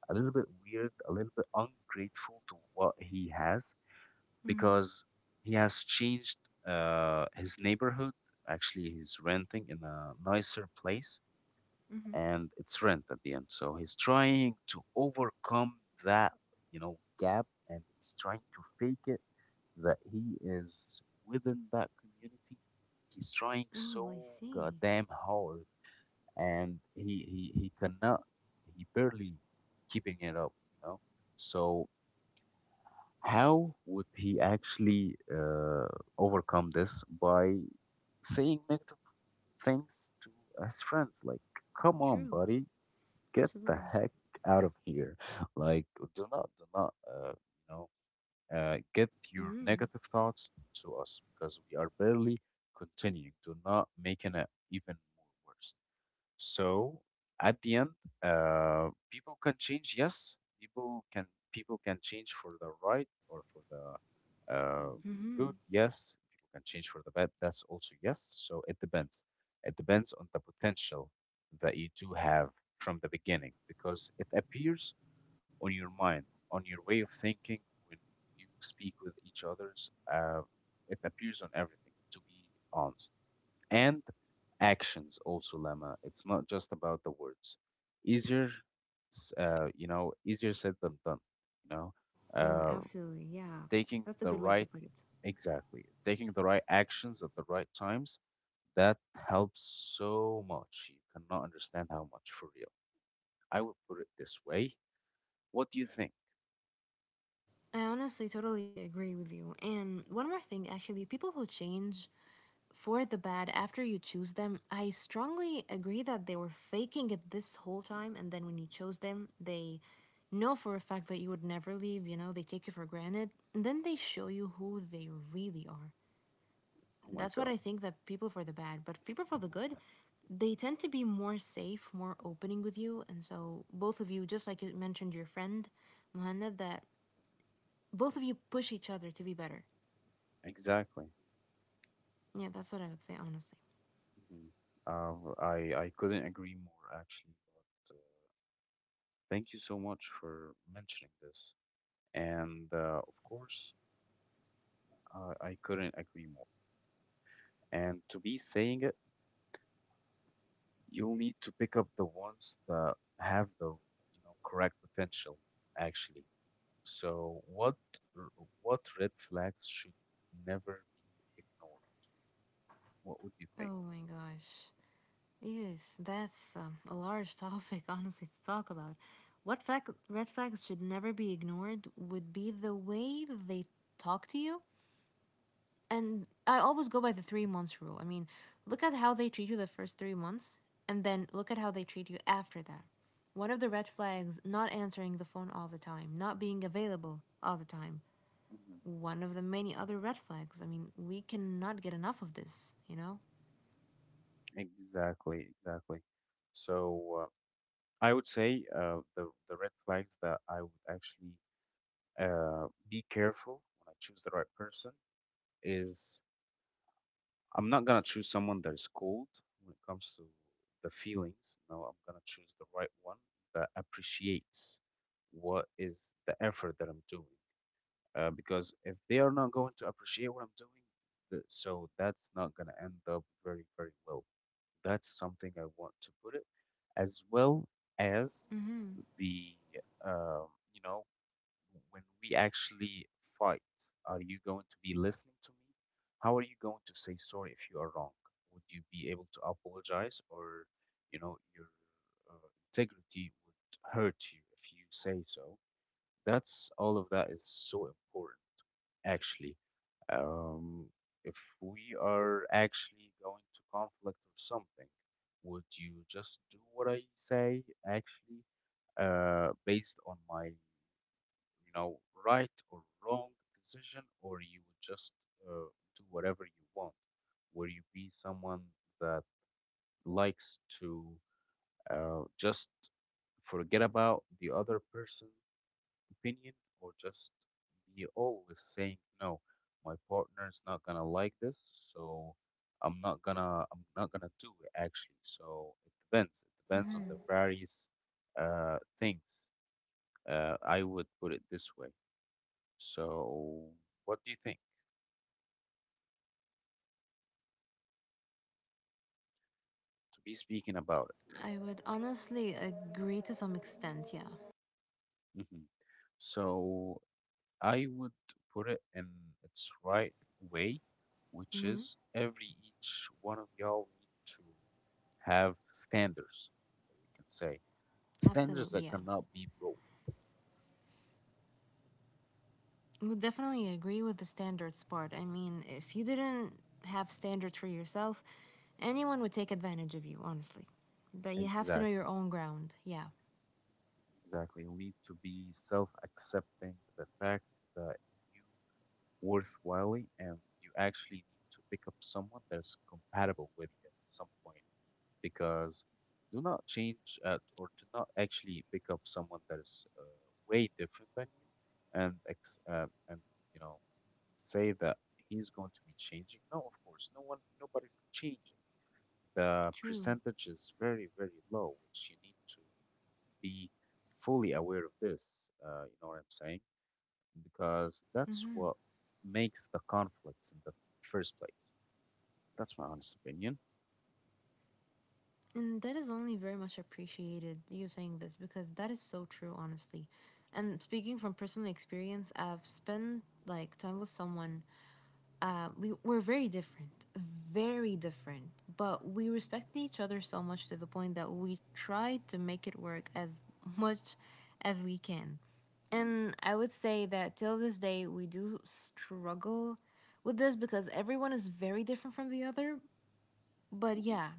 [SPEAKER 1] a little bit weird, a little bit ungrateful to what he has,
[SPEAKER 2] Mm-hmm.
[SPEAKER 1] because he has changed his neighborhood. Actually, he's renting in a nicer place,
[SPEAKER 2] Mm-hmm.
[SPEAKER 1] and it's rent at the end. So he's trying to overcome that, you know, gap, and he's trying to fake it that he is within that community. He's trying so
[SPEAKER 2] Oh, I see.
[SPEAKER 1] goddamn hard, and he cannot, he barely keeping it up, you know. So how would he actually overcome this by saying negative things to his friends? Like, come on,
[SPEAKER 2] True.
[SPEAKER 1] buddy, get the
[SPEAKER 2] Absolutely.
[SPEAKER 1] heck out of here. Like, do not, you know, get your
[SPEAKER 2] Mm-hmm.
[SPEAKER 1] negative thoughts to us, because we are barely continuing. Do not making it even more worse. So at the end, people can change. Yes, people can change for the right or for the
[SPEAKER 2] Mm-hmm.
[SPEAKER 1] good. Yes, people can change for the bad. That's also yes. So it depends. It depends on the potential that you do have from the beginning, because it appears on your mind, on your way of thinking when you speak with each others. It appears on everything. To be honest, and actions also, Lama. It's not just about the words. Easier, you know, easier said than done. You know,
[SPEAKER 2] Mm,
[SPEAKER 1] uh,
[SPEAKER 2] absolutely. Yeah.
[SPEAKER 1] taking
[SPEAKER 2] That's a
[SPEAKER 1] the
[SPEAKER 2] good way to
[SPEAKER 1] right
[SPEAKER 2] put it.
[SPEAKER 1] exactly, taking the right actions at the right times that helps so much. You cannot understand how much, for real. I would put it this way. What do you think?
[SPEAKER 2] I honestly totally agree with you. And one more thing, actually, people who change for the bad after you choose them, I strongly agree that they were faking it this whole time. And then when you chose them, they know for a fact that you would never leave, they take you for granted. And then they show you who they really are.
[SPEAKER 1] Oh my
[SPEAKER 2] That's what
[SPEAKER 1] God.
[SPEAKER 2] I think that people for the bad, but people for the good, they tend to be more safe, more opening with you. And so both of you, just like you mentioned your friend, Muhannad, that both of you push each other to be better.
[SPEAKER 1] Exactly.
[SPEAKER 2] Yeah, that's what I would say, honestly.
[SPEAKER 1] Mhm. I couldn't agree more actually, but thank you so much for mentioning this. And of course, I couldn't agree more. And to be saying it, you'll need to pick up the ones that have the, you know, correct potential, actually. So what what red flags should never be ignored? What would you think?
[SPEAKER 2] Oh my gosh. Yes, that's a large topic, honestly, to talk about. What red flags should never be ignored would be the way that they talk to you, and I always go by the 3 months rule. I mean, look at how they treat you the first 3 months, and then look at how they treat you after that. One of the red flags, not answering the phone all the time, not being available all the time.
[SPEAKER 1] Mhm.
[SPEAKER 2] One of the many other red flags. I mean, we cannot get enough of this, you know?
[SPEAKER 1] Exactly, exactly. So I would say the red flags that I would actually be careful when I choose the right person is I'm not gonna choose someone that is cold when it comes to the feelings. No, I'm gonna choose the right one that appreciates what is the effort that I'm doing. Because if they are not going to appreciate what I'm doing, so that's not gonna end up very, very well. That's something I want to put it, as well as
[SPEAKER 2] Mm-hmm.
[SPEAKER 1] the um, you know when we actually fight, are you going to be listening to me? How are you going to say sorry if you are wrong? Would you be able to apologize, or you know your integrity would hurt you if you say so? That's all of that is so important, actually. Um, if we are actually going to conflict or something, would you just do what I say actually? Based on my you know, right or wrong decision, or you would just uh, do whatever you want? Will you be someone that likes to just forget about the other person's opinion, or just be always saying, no, my partner's not gonna like this, so I'm not gonna do it actually. So it depends. It depends on the various things. I would put it this way. So, what do you think? To be speaking about
[SPEAKER 2] I would honestly agree to some extent, yeah.
[SPEAKER 1] it. So, I would put it in its right way, which
[SPEAKER 2] Mm-hmm.
[SPEAKER 1] is every each one of y'all need to have standards, we can say. Standards
[SPEAKER 2] Absolutely,
[SPEAKER 1] that
[SPEAKER 2] yeah.
[SPEAKER 1] cannot be broken.
[SPEAKER 2] Would
[SPEAKER 1] S-
[SPEAKER 2] definitely agree with the standards part. I mean, if you didn't have standards for yourself, anyone would take advantage of you, honestly. That you have to know your
[SPEAKER 1] Exactly.
[SPEAKER 2] own ground. Yeah,
[SPEAKER 1] Exactly. You need to be self accepting the fact that you worthwhile and you actually need to pick up someone that's compatible with you at some point. Because do not change at or do not actually pick up someone that is way different than you and and you know say that he's going to be changing. No, of course, no one, nobody's changing. The
[SPEAKER 2] true.
[SPEAKER 1] percentage is very, very low, which you need to be fully aware of this. You know what I'm saying? Because that's
[SPEAKER 2] Hmm.
[SPEAKER 1] what makes the conflicts in the first place. That's my honest opinion.
[SPEAKER 2] And that is only very much appreciated, you saying this, because that is so true, honestly. And speaking from personal experience, I've spent like time with someone, we're very different, but we respect each other so much to the point that we try to make it work as much as we can.
[SPEAKER 1] Mm,
[SPEAKER 2] And I would say that till this day we do struggle with this because everyone is very different from the other. But
[SPEAKER 1] mhm.
[SPEAKER 2] yeah,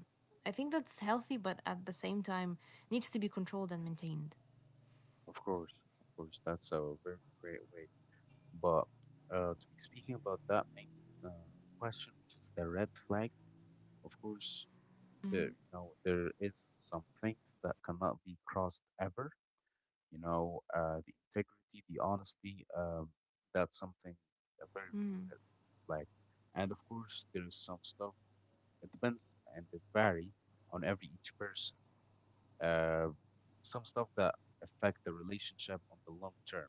[SPEAKER 2] I think that's healthy, but at the same time needs to be controlled and maintained.
[SPEAKER 1] Of course, that's a very great way. But to be speaking about that main uh, question, which is the red flags, of course, there you know there is some things that cannot be crossed ever. You know, the integrity, the honesty, that's something a very very
[SPEAKER 2] Mm.
[SPEAKER 1] red flag. And of course, there is some stuff. It depends and it vary on every each person uh, some stuff that affect the relationship on the long term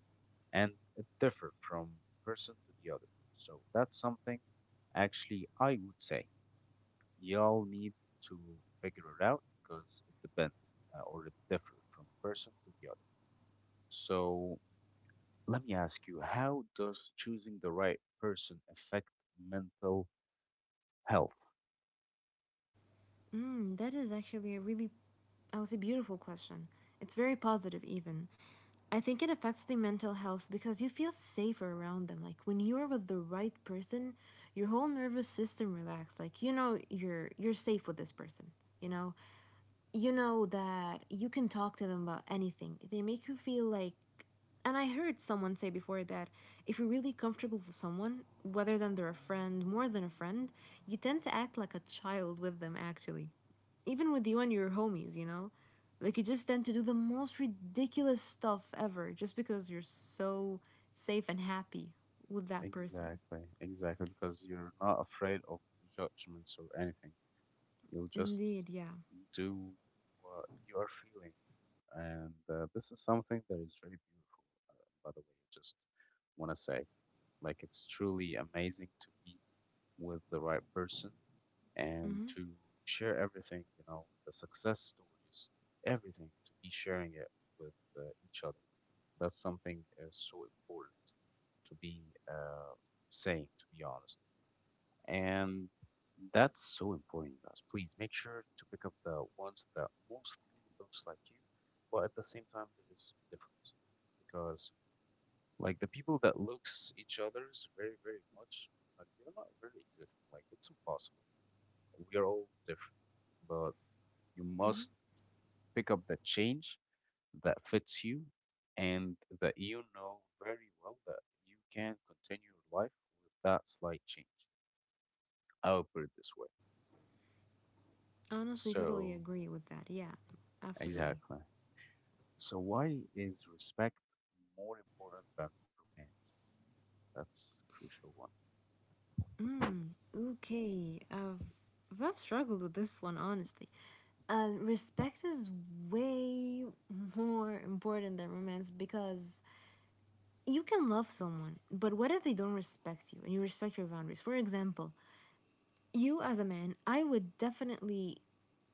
[SPEAKER 1] and it differ from person to the other, so that's something actually I would say y'all need to figure it out because it depends or it differ from person to the other. So let me ask you, how does choosing the right person affect mental health?
[SPEAKER 2] Mm, that is actually a really, I would say, beautiful question. It's very positive, even. I think it affects the mental health because you feel safer around them. Like when you are with the right person, your whole nervous system relaxes. Like you know you're safe with this person. You know, you know that you can talk to them about anything. They make you feel like, and I heard someone say before that if you're really comfortable with someone, whether than they're a friend, more than a friend, you tend to act like a child with them actually. Even with you and your homies, you know? Like you just tend to do the most ridiculous stuff ever just because you're so safe and happy with that person.
[SPEAKER 1] Exactly, exactly. Because you're not afraid of judgments or anything, you'll just
[SPEAKER 2] Indeed, yeah.
[SPEAKER 1] do what you are feeling. And this is something that is very beautiful, by the way. I just want to say, like, it's truly amazing to be with the right person and
[SPEAKER 2] Mm-hmm.
[SPEAKER 1] to share everything, you know, the success stories, everything, to be sharing it with each other. That's something so important to be uh, saying, to be honest. And that's so important, you guys. Please make sure to pick up the ones that mostly looks like you, but at the same time there is difference because like the people that looks each other's very very much, like they're not very existing. Like it's impossible. We are all different, but you
[SPEAKER 2] Mm-hmm.
[SPEAKER 1] must pick up the change that fits you and that you know very well that you can continue your life with that slight change. I will put it this way.
[SPEAKER 2] Honestly, totally
[SPEAKER 1] So
[SPEAKER 2] agree with that. Yeah, absolutely.
[SPEAKER 1] exactly. So why is respect more important than romance? That's a crucial one.
[SPEAKER 2] Mm, okay. I've struggled with this one, honestly. Respect is way more important than romance because you can love someone, but what if they don't respect you and you respect your boundaries? For example, you as a man, I would definitely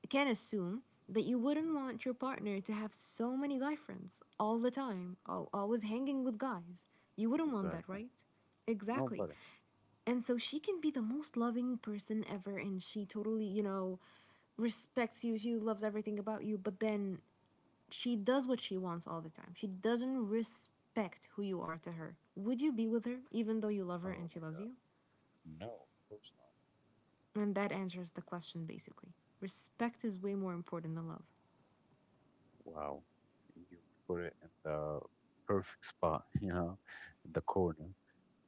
[SPEAKER 2] can assume that you wouldn't want your partner to have so many guy friends all the time, always hanging with guys. You wouldn't want that,
[SPEAKER 1] Exactly.
[SPEAKER 2] right? Exactly.
[SPEAKER 1] Nobody.
[SPEAKER 2] And so she can be the most loving person ever and she totally, respects you. She loves everything about you, but then she does what she wants all the time. She doesn't respect who you are to her. Would you be with her even though you love her
[SPEAKER 1] Oh
[SPEAKER 2] and she
[SPEAKER 1] my
[SPEAKER 2] loves
[SPEAKER 1] God.
[SPEAKER 2] you?
[SPEAKER 1] No, of course
[SPEAKER 2] And that answers the question basically. Respect is way more important than love.
[SPEAKER 1] not. Wow. You put it in the perfect spot, you know, in the corner.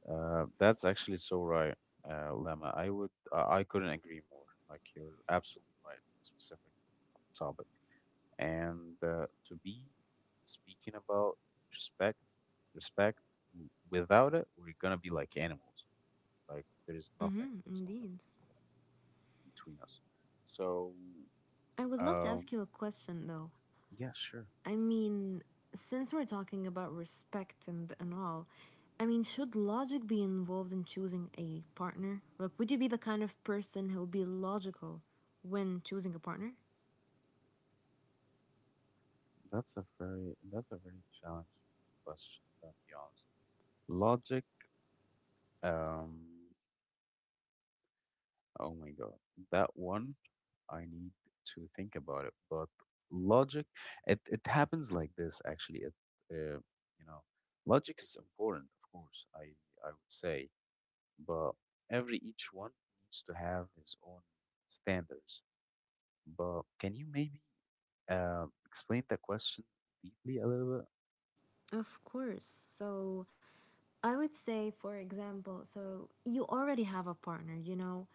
[SPEAKER 1] That's actually so right, Lemma. I couldn't agree more. Like you're absolutely right in this specific topic. And to be speaking about respect, respect, without it, we're gonna be like animals. Like there's nothing,
[SPEAKER 2] Mm-hmm,
[SPEAKER 1] there's no
[SPEAKER 2] indeed.
[SPEAKER 1] difference gonna be between us. So,
[SPEAKER 2] I would love to
[SPEAKER 1] um,
[SPEAKER 2] ask you a question though.
[SPEAKER 1] yeah, sure.
[SPEAKER 2] I mean, since we're talking about respect and all, I mean, should logic be involved in choosing a partner? Like, would you be the kind of person who would be logical when choosing a partner?
[SPEAKER 1] That's a very challenging question. I'm gonna be honest. Logic, um, Oh my God. That one, I need to think about it. But logic, it happens like this actually. Uh, you know, logic is important, of course, I would say, but every each one needs to have his own standards. But can you maybe explain the question deeply a little bit?
[SPEAKER 2] Of course. So, I would say, for example, so you already have a partner, you know?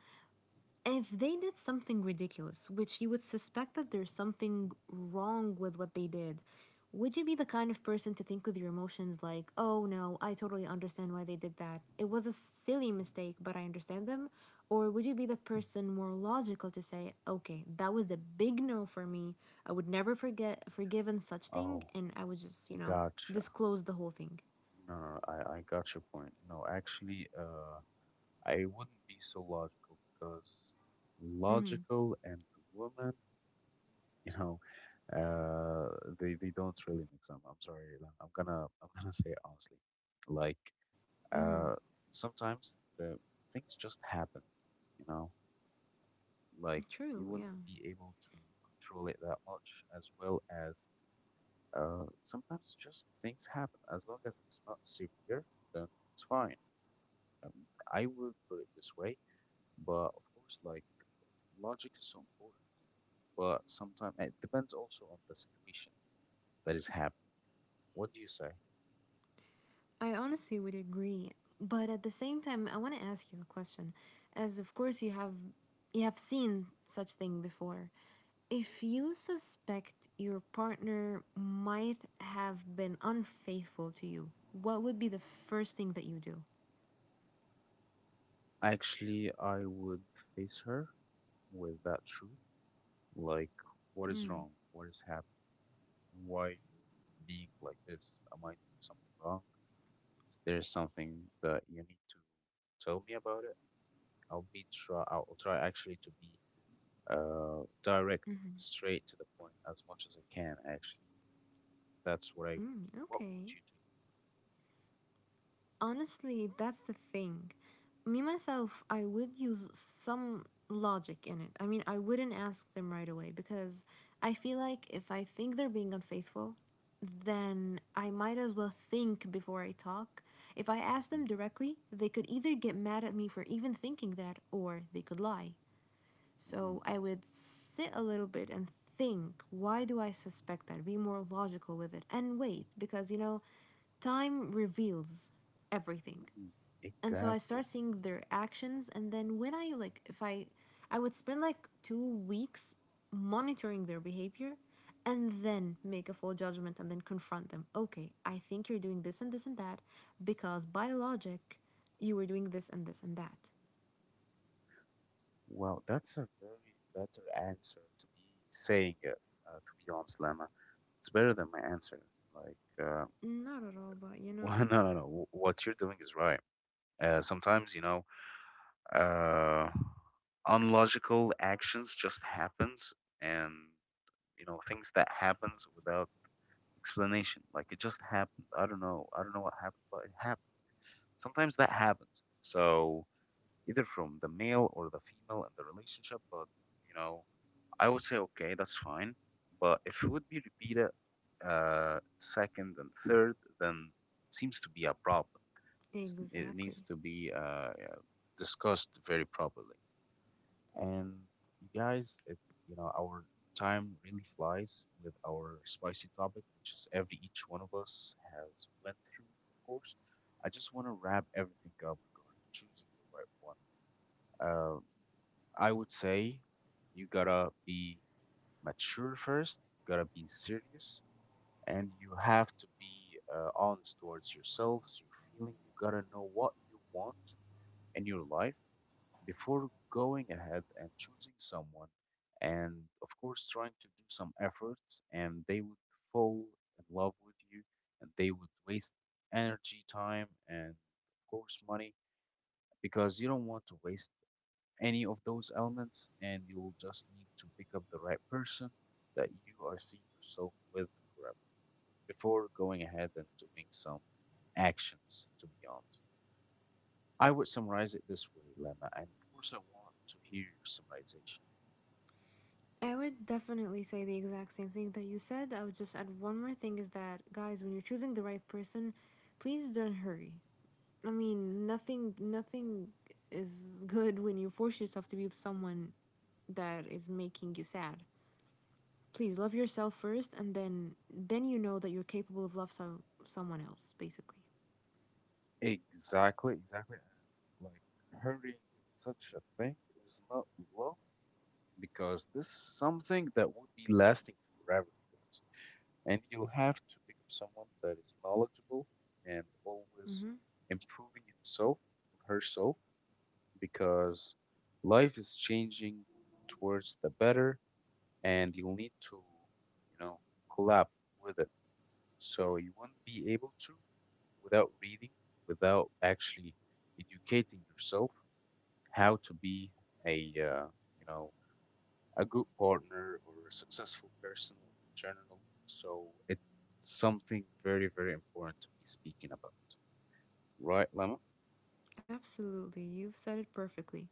[SPEAKER 2] If they did something ridiculous, which you would suspect that there's something wrong with what they did, would you be the kind of person to think with your emotions like, oh no, I totally understand why they did that? It was a silly mistake, but I understand them? Or would you be the person more logical to say, okay, that was a big no for me. I would never forget forgiven such thing,
[SPEAKER 1] Oh,
[SPEAKER 2] and I would just,
[SPEAKER 1] gotcha.
[SPEAKER 2] disclose the whole thing?
[SPEAKER 1] No, no, no, I got your point. No, actually, I wouldn't be so logical because logical and woman, you know, uh, they don't really mix up. I'm sorry, Ilan. I'm gonna say it honestly, like
[SPEAKER 2] Mm-hmm.
[SPEAKER 1] uh, sometimes the things just happen, you know, like you
[SPEAKER 2] True,
[SPEAKER 1] wouldn't
[SPEAKER 2] yeah.
[SPEAKER 1] be able to control it that much, as well as sometimes just things happen. As long as it's not severe, then it's fine. Um, I would put it this way, but of course, like logic is so important, but sometimes it depends also on the situation that is happening. What do you say?
[SPEAKER 2] I honestly would agree, but at the same time, I want to ask you a question. As of course you have seen such thing before. If you suspect your partner might have been unfaithful to you, what would be the first thing that you do?
[SPEAKER 1] Actually, I would face her with that truth, like what is wrong, what is happening, and why you're being like this. Am I doing something wrong? Is there something that you need to tell me about it? I'll be try. I'll try actually to be direct, straight to the point as much as I can. Actually, that's what I would
[SPEAKER 2] Mm,
[SPEAKER 1] do. What
[SPEAKER 2] okay.
[SPEAKER 1] would you
[SPEAKER 2] Honestly, that's the thing. Me myself, I would use some logic in it. I mean, I wouldn't ask them right away because I feel like if I think they're being unfaithful, then I might as well think before I talk. If I
[SPEAKER 1] do?
[SPEAKER 2] ask them
[SPEAKER 1] Mhm,
[SPEAKER 2] directly, they could either get mad at me for even thinking that, or they could lie.
[SPEAKER 1] mhm.
[SPEAKER 2] So I would sit a little bit and think, why do I suspect that? Be more logical with it and wait, because time reveals everything.
[SPEAKER 1] Mhm.
[SPEAKER 2] And so I
[SPEAKER 1] Exactly.
[SPEAKER 2] start seeing their actions, and then when I, like, if I would spend like 2 weeks monitoring their behavior and then make a full judgment and then confront them. Okay, I think you're doing this and this and that because by logic you were doing this and this and that.
[SPEAKER 1] Well, that's a very better answer to be saying it, to be honest, Lama. It's better than my answer. Like,
[SPEAKER 2] Not at all, but
[SPEAKER 1] well, no, no, no. What you're doing is right. Sometimes, you know, uh, unlogical actions just happens and, you know, things that happens without explanation. Like, it just happened. I don't know. I don't know what happened, but it happened. Sometimes that happens. So, either from the male or the female in the relationship. But you know, I would say okay, that's fine. But if it would be repeated second and third, then it seems to be a problem. It needs
[SPEAKER 2] exactly.
[SPEAKER 1] to be uh, discussed very properly. And you guys, you know, our time really flies with our spicy topic, which is every each one of us has went through, of course. I just want to wrap everything up regarding choosing the right one. I would say you gotta be mature first, you gotta be serious, and you have to be honest towards yourselves, your feeling. You gotta know what you want in your life before going ahead and choosing someone, and of course, trying to do some efforts, and they would fall in love with you, and they would waste energy, time, and of course, money because you don't want to waste any of those elements and you'll just need to pick up the right person that you are seeing yourself with forever before going ahead and doing some actions. To be honest, I would summarize it this way, Lemma, and of course I want to hear your summarization.
[SPEAKER 2] I would definitely say the exact same thing that you said. I would just add one more thing is that, guys, when you're choosing the right person, please don't hurry. I mean, nothing is good when you force yourself to be with someone that is making you sad. Please love yourself first, and then you know that you're capable of love someone else basically.
[SPEAKER 1] Exactly, exactly. And like hurrying in such a thing is not love because this is something that would be lasting forever, you guys. And you'll have to pick up someone that is knowledgeable and always improving himself or herself because life is changing towards the better and you'll need to you know collab with it, so you will not be able to without reading, without actually educating yourself how to be a you know a good partner or a successful person in general. So it's something very, very important to be speaking about, right, Lemma?
[SPEAKER 2] Mm-hmm. Absolutely. You've said it perfectly.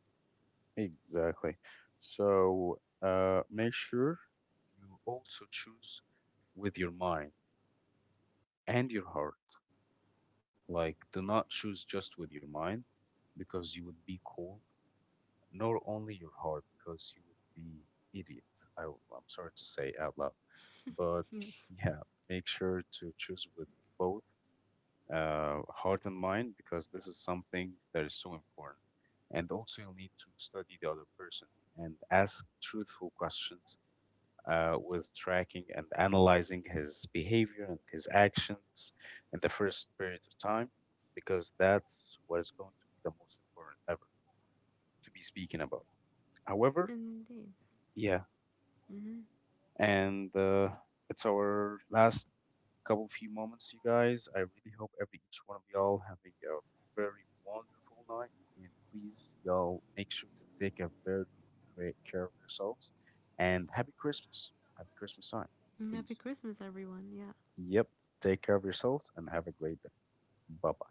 [SPEAKER 1] Exactly. So make sure you also choose with your mind and your heart. Like, do not choose just with your mind because you would be cold, nor only your heart because you would be idiot. I am sorry to say out loud, but
[SPEAKER 2] Yes.
[SPEAKER 1] yeah, make sure to choose with both heart and mind because this is something that is so important. And also, you'll need to study the other person and ask truthful questions with tracking and analyzing his behavior and his actions in the first period of time because that's what is going to be the most important ever to be speaking about. However,
[SPEAKER 2] Indeed.
[SPEAKER 1] yeah, and it's our last couple few moments, you guys. I really hope every each one of y'all having a very wonderful night, and please, y'all, make sure to take a very great care of yourselves. And happy Christmas time,
[SPEAKER 2] Happy
[SPEAKER 1] please.
[SPEAKER 2] Christmas everyone. Yeah.
[SPEAKER 1] Yep, take care of yourselves and have a great day. Bye bye.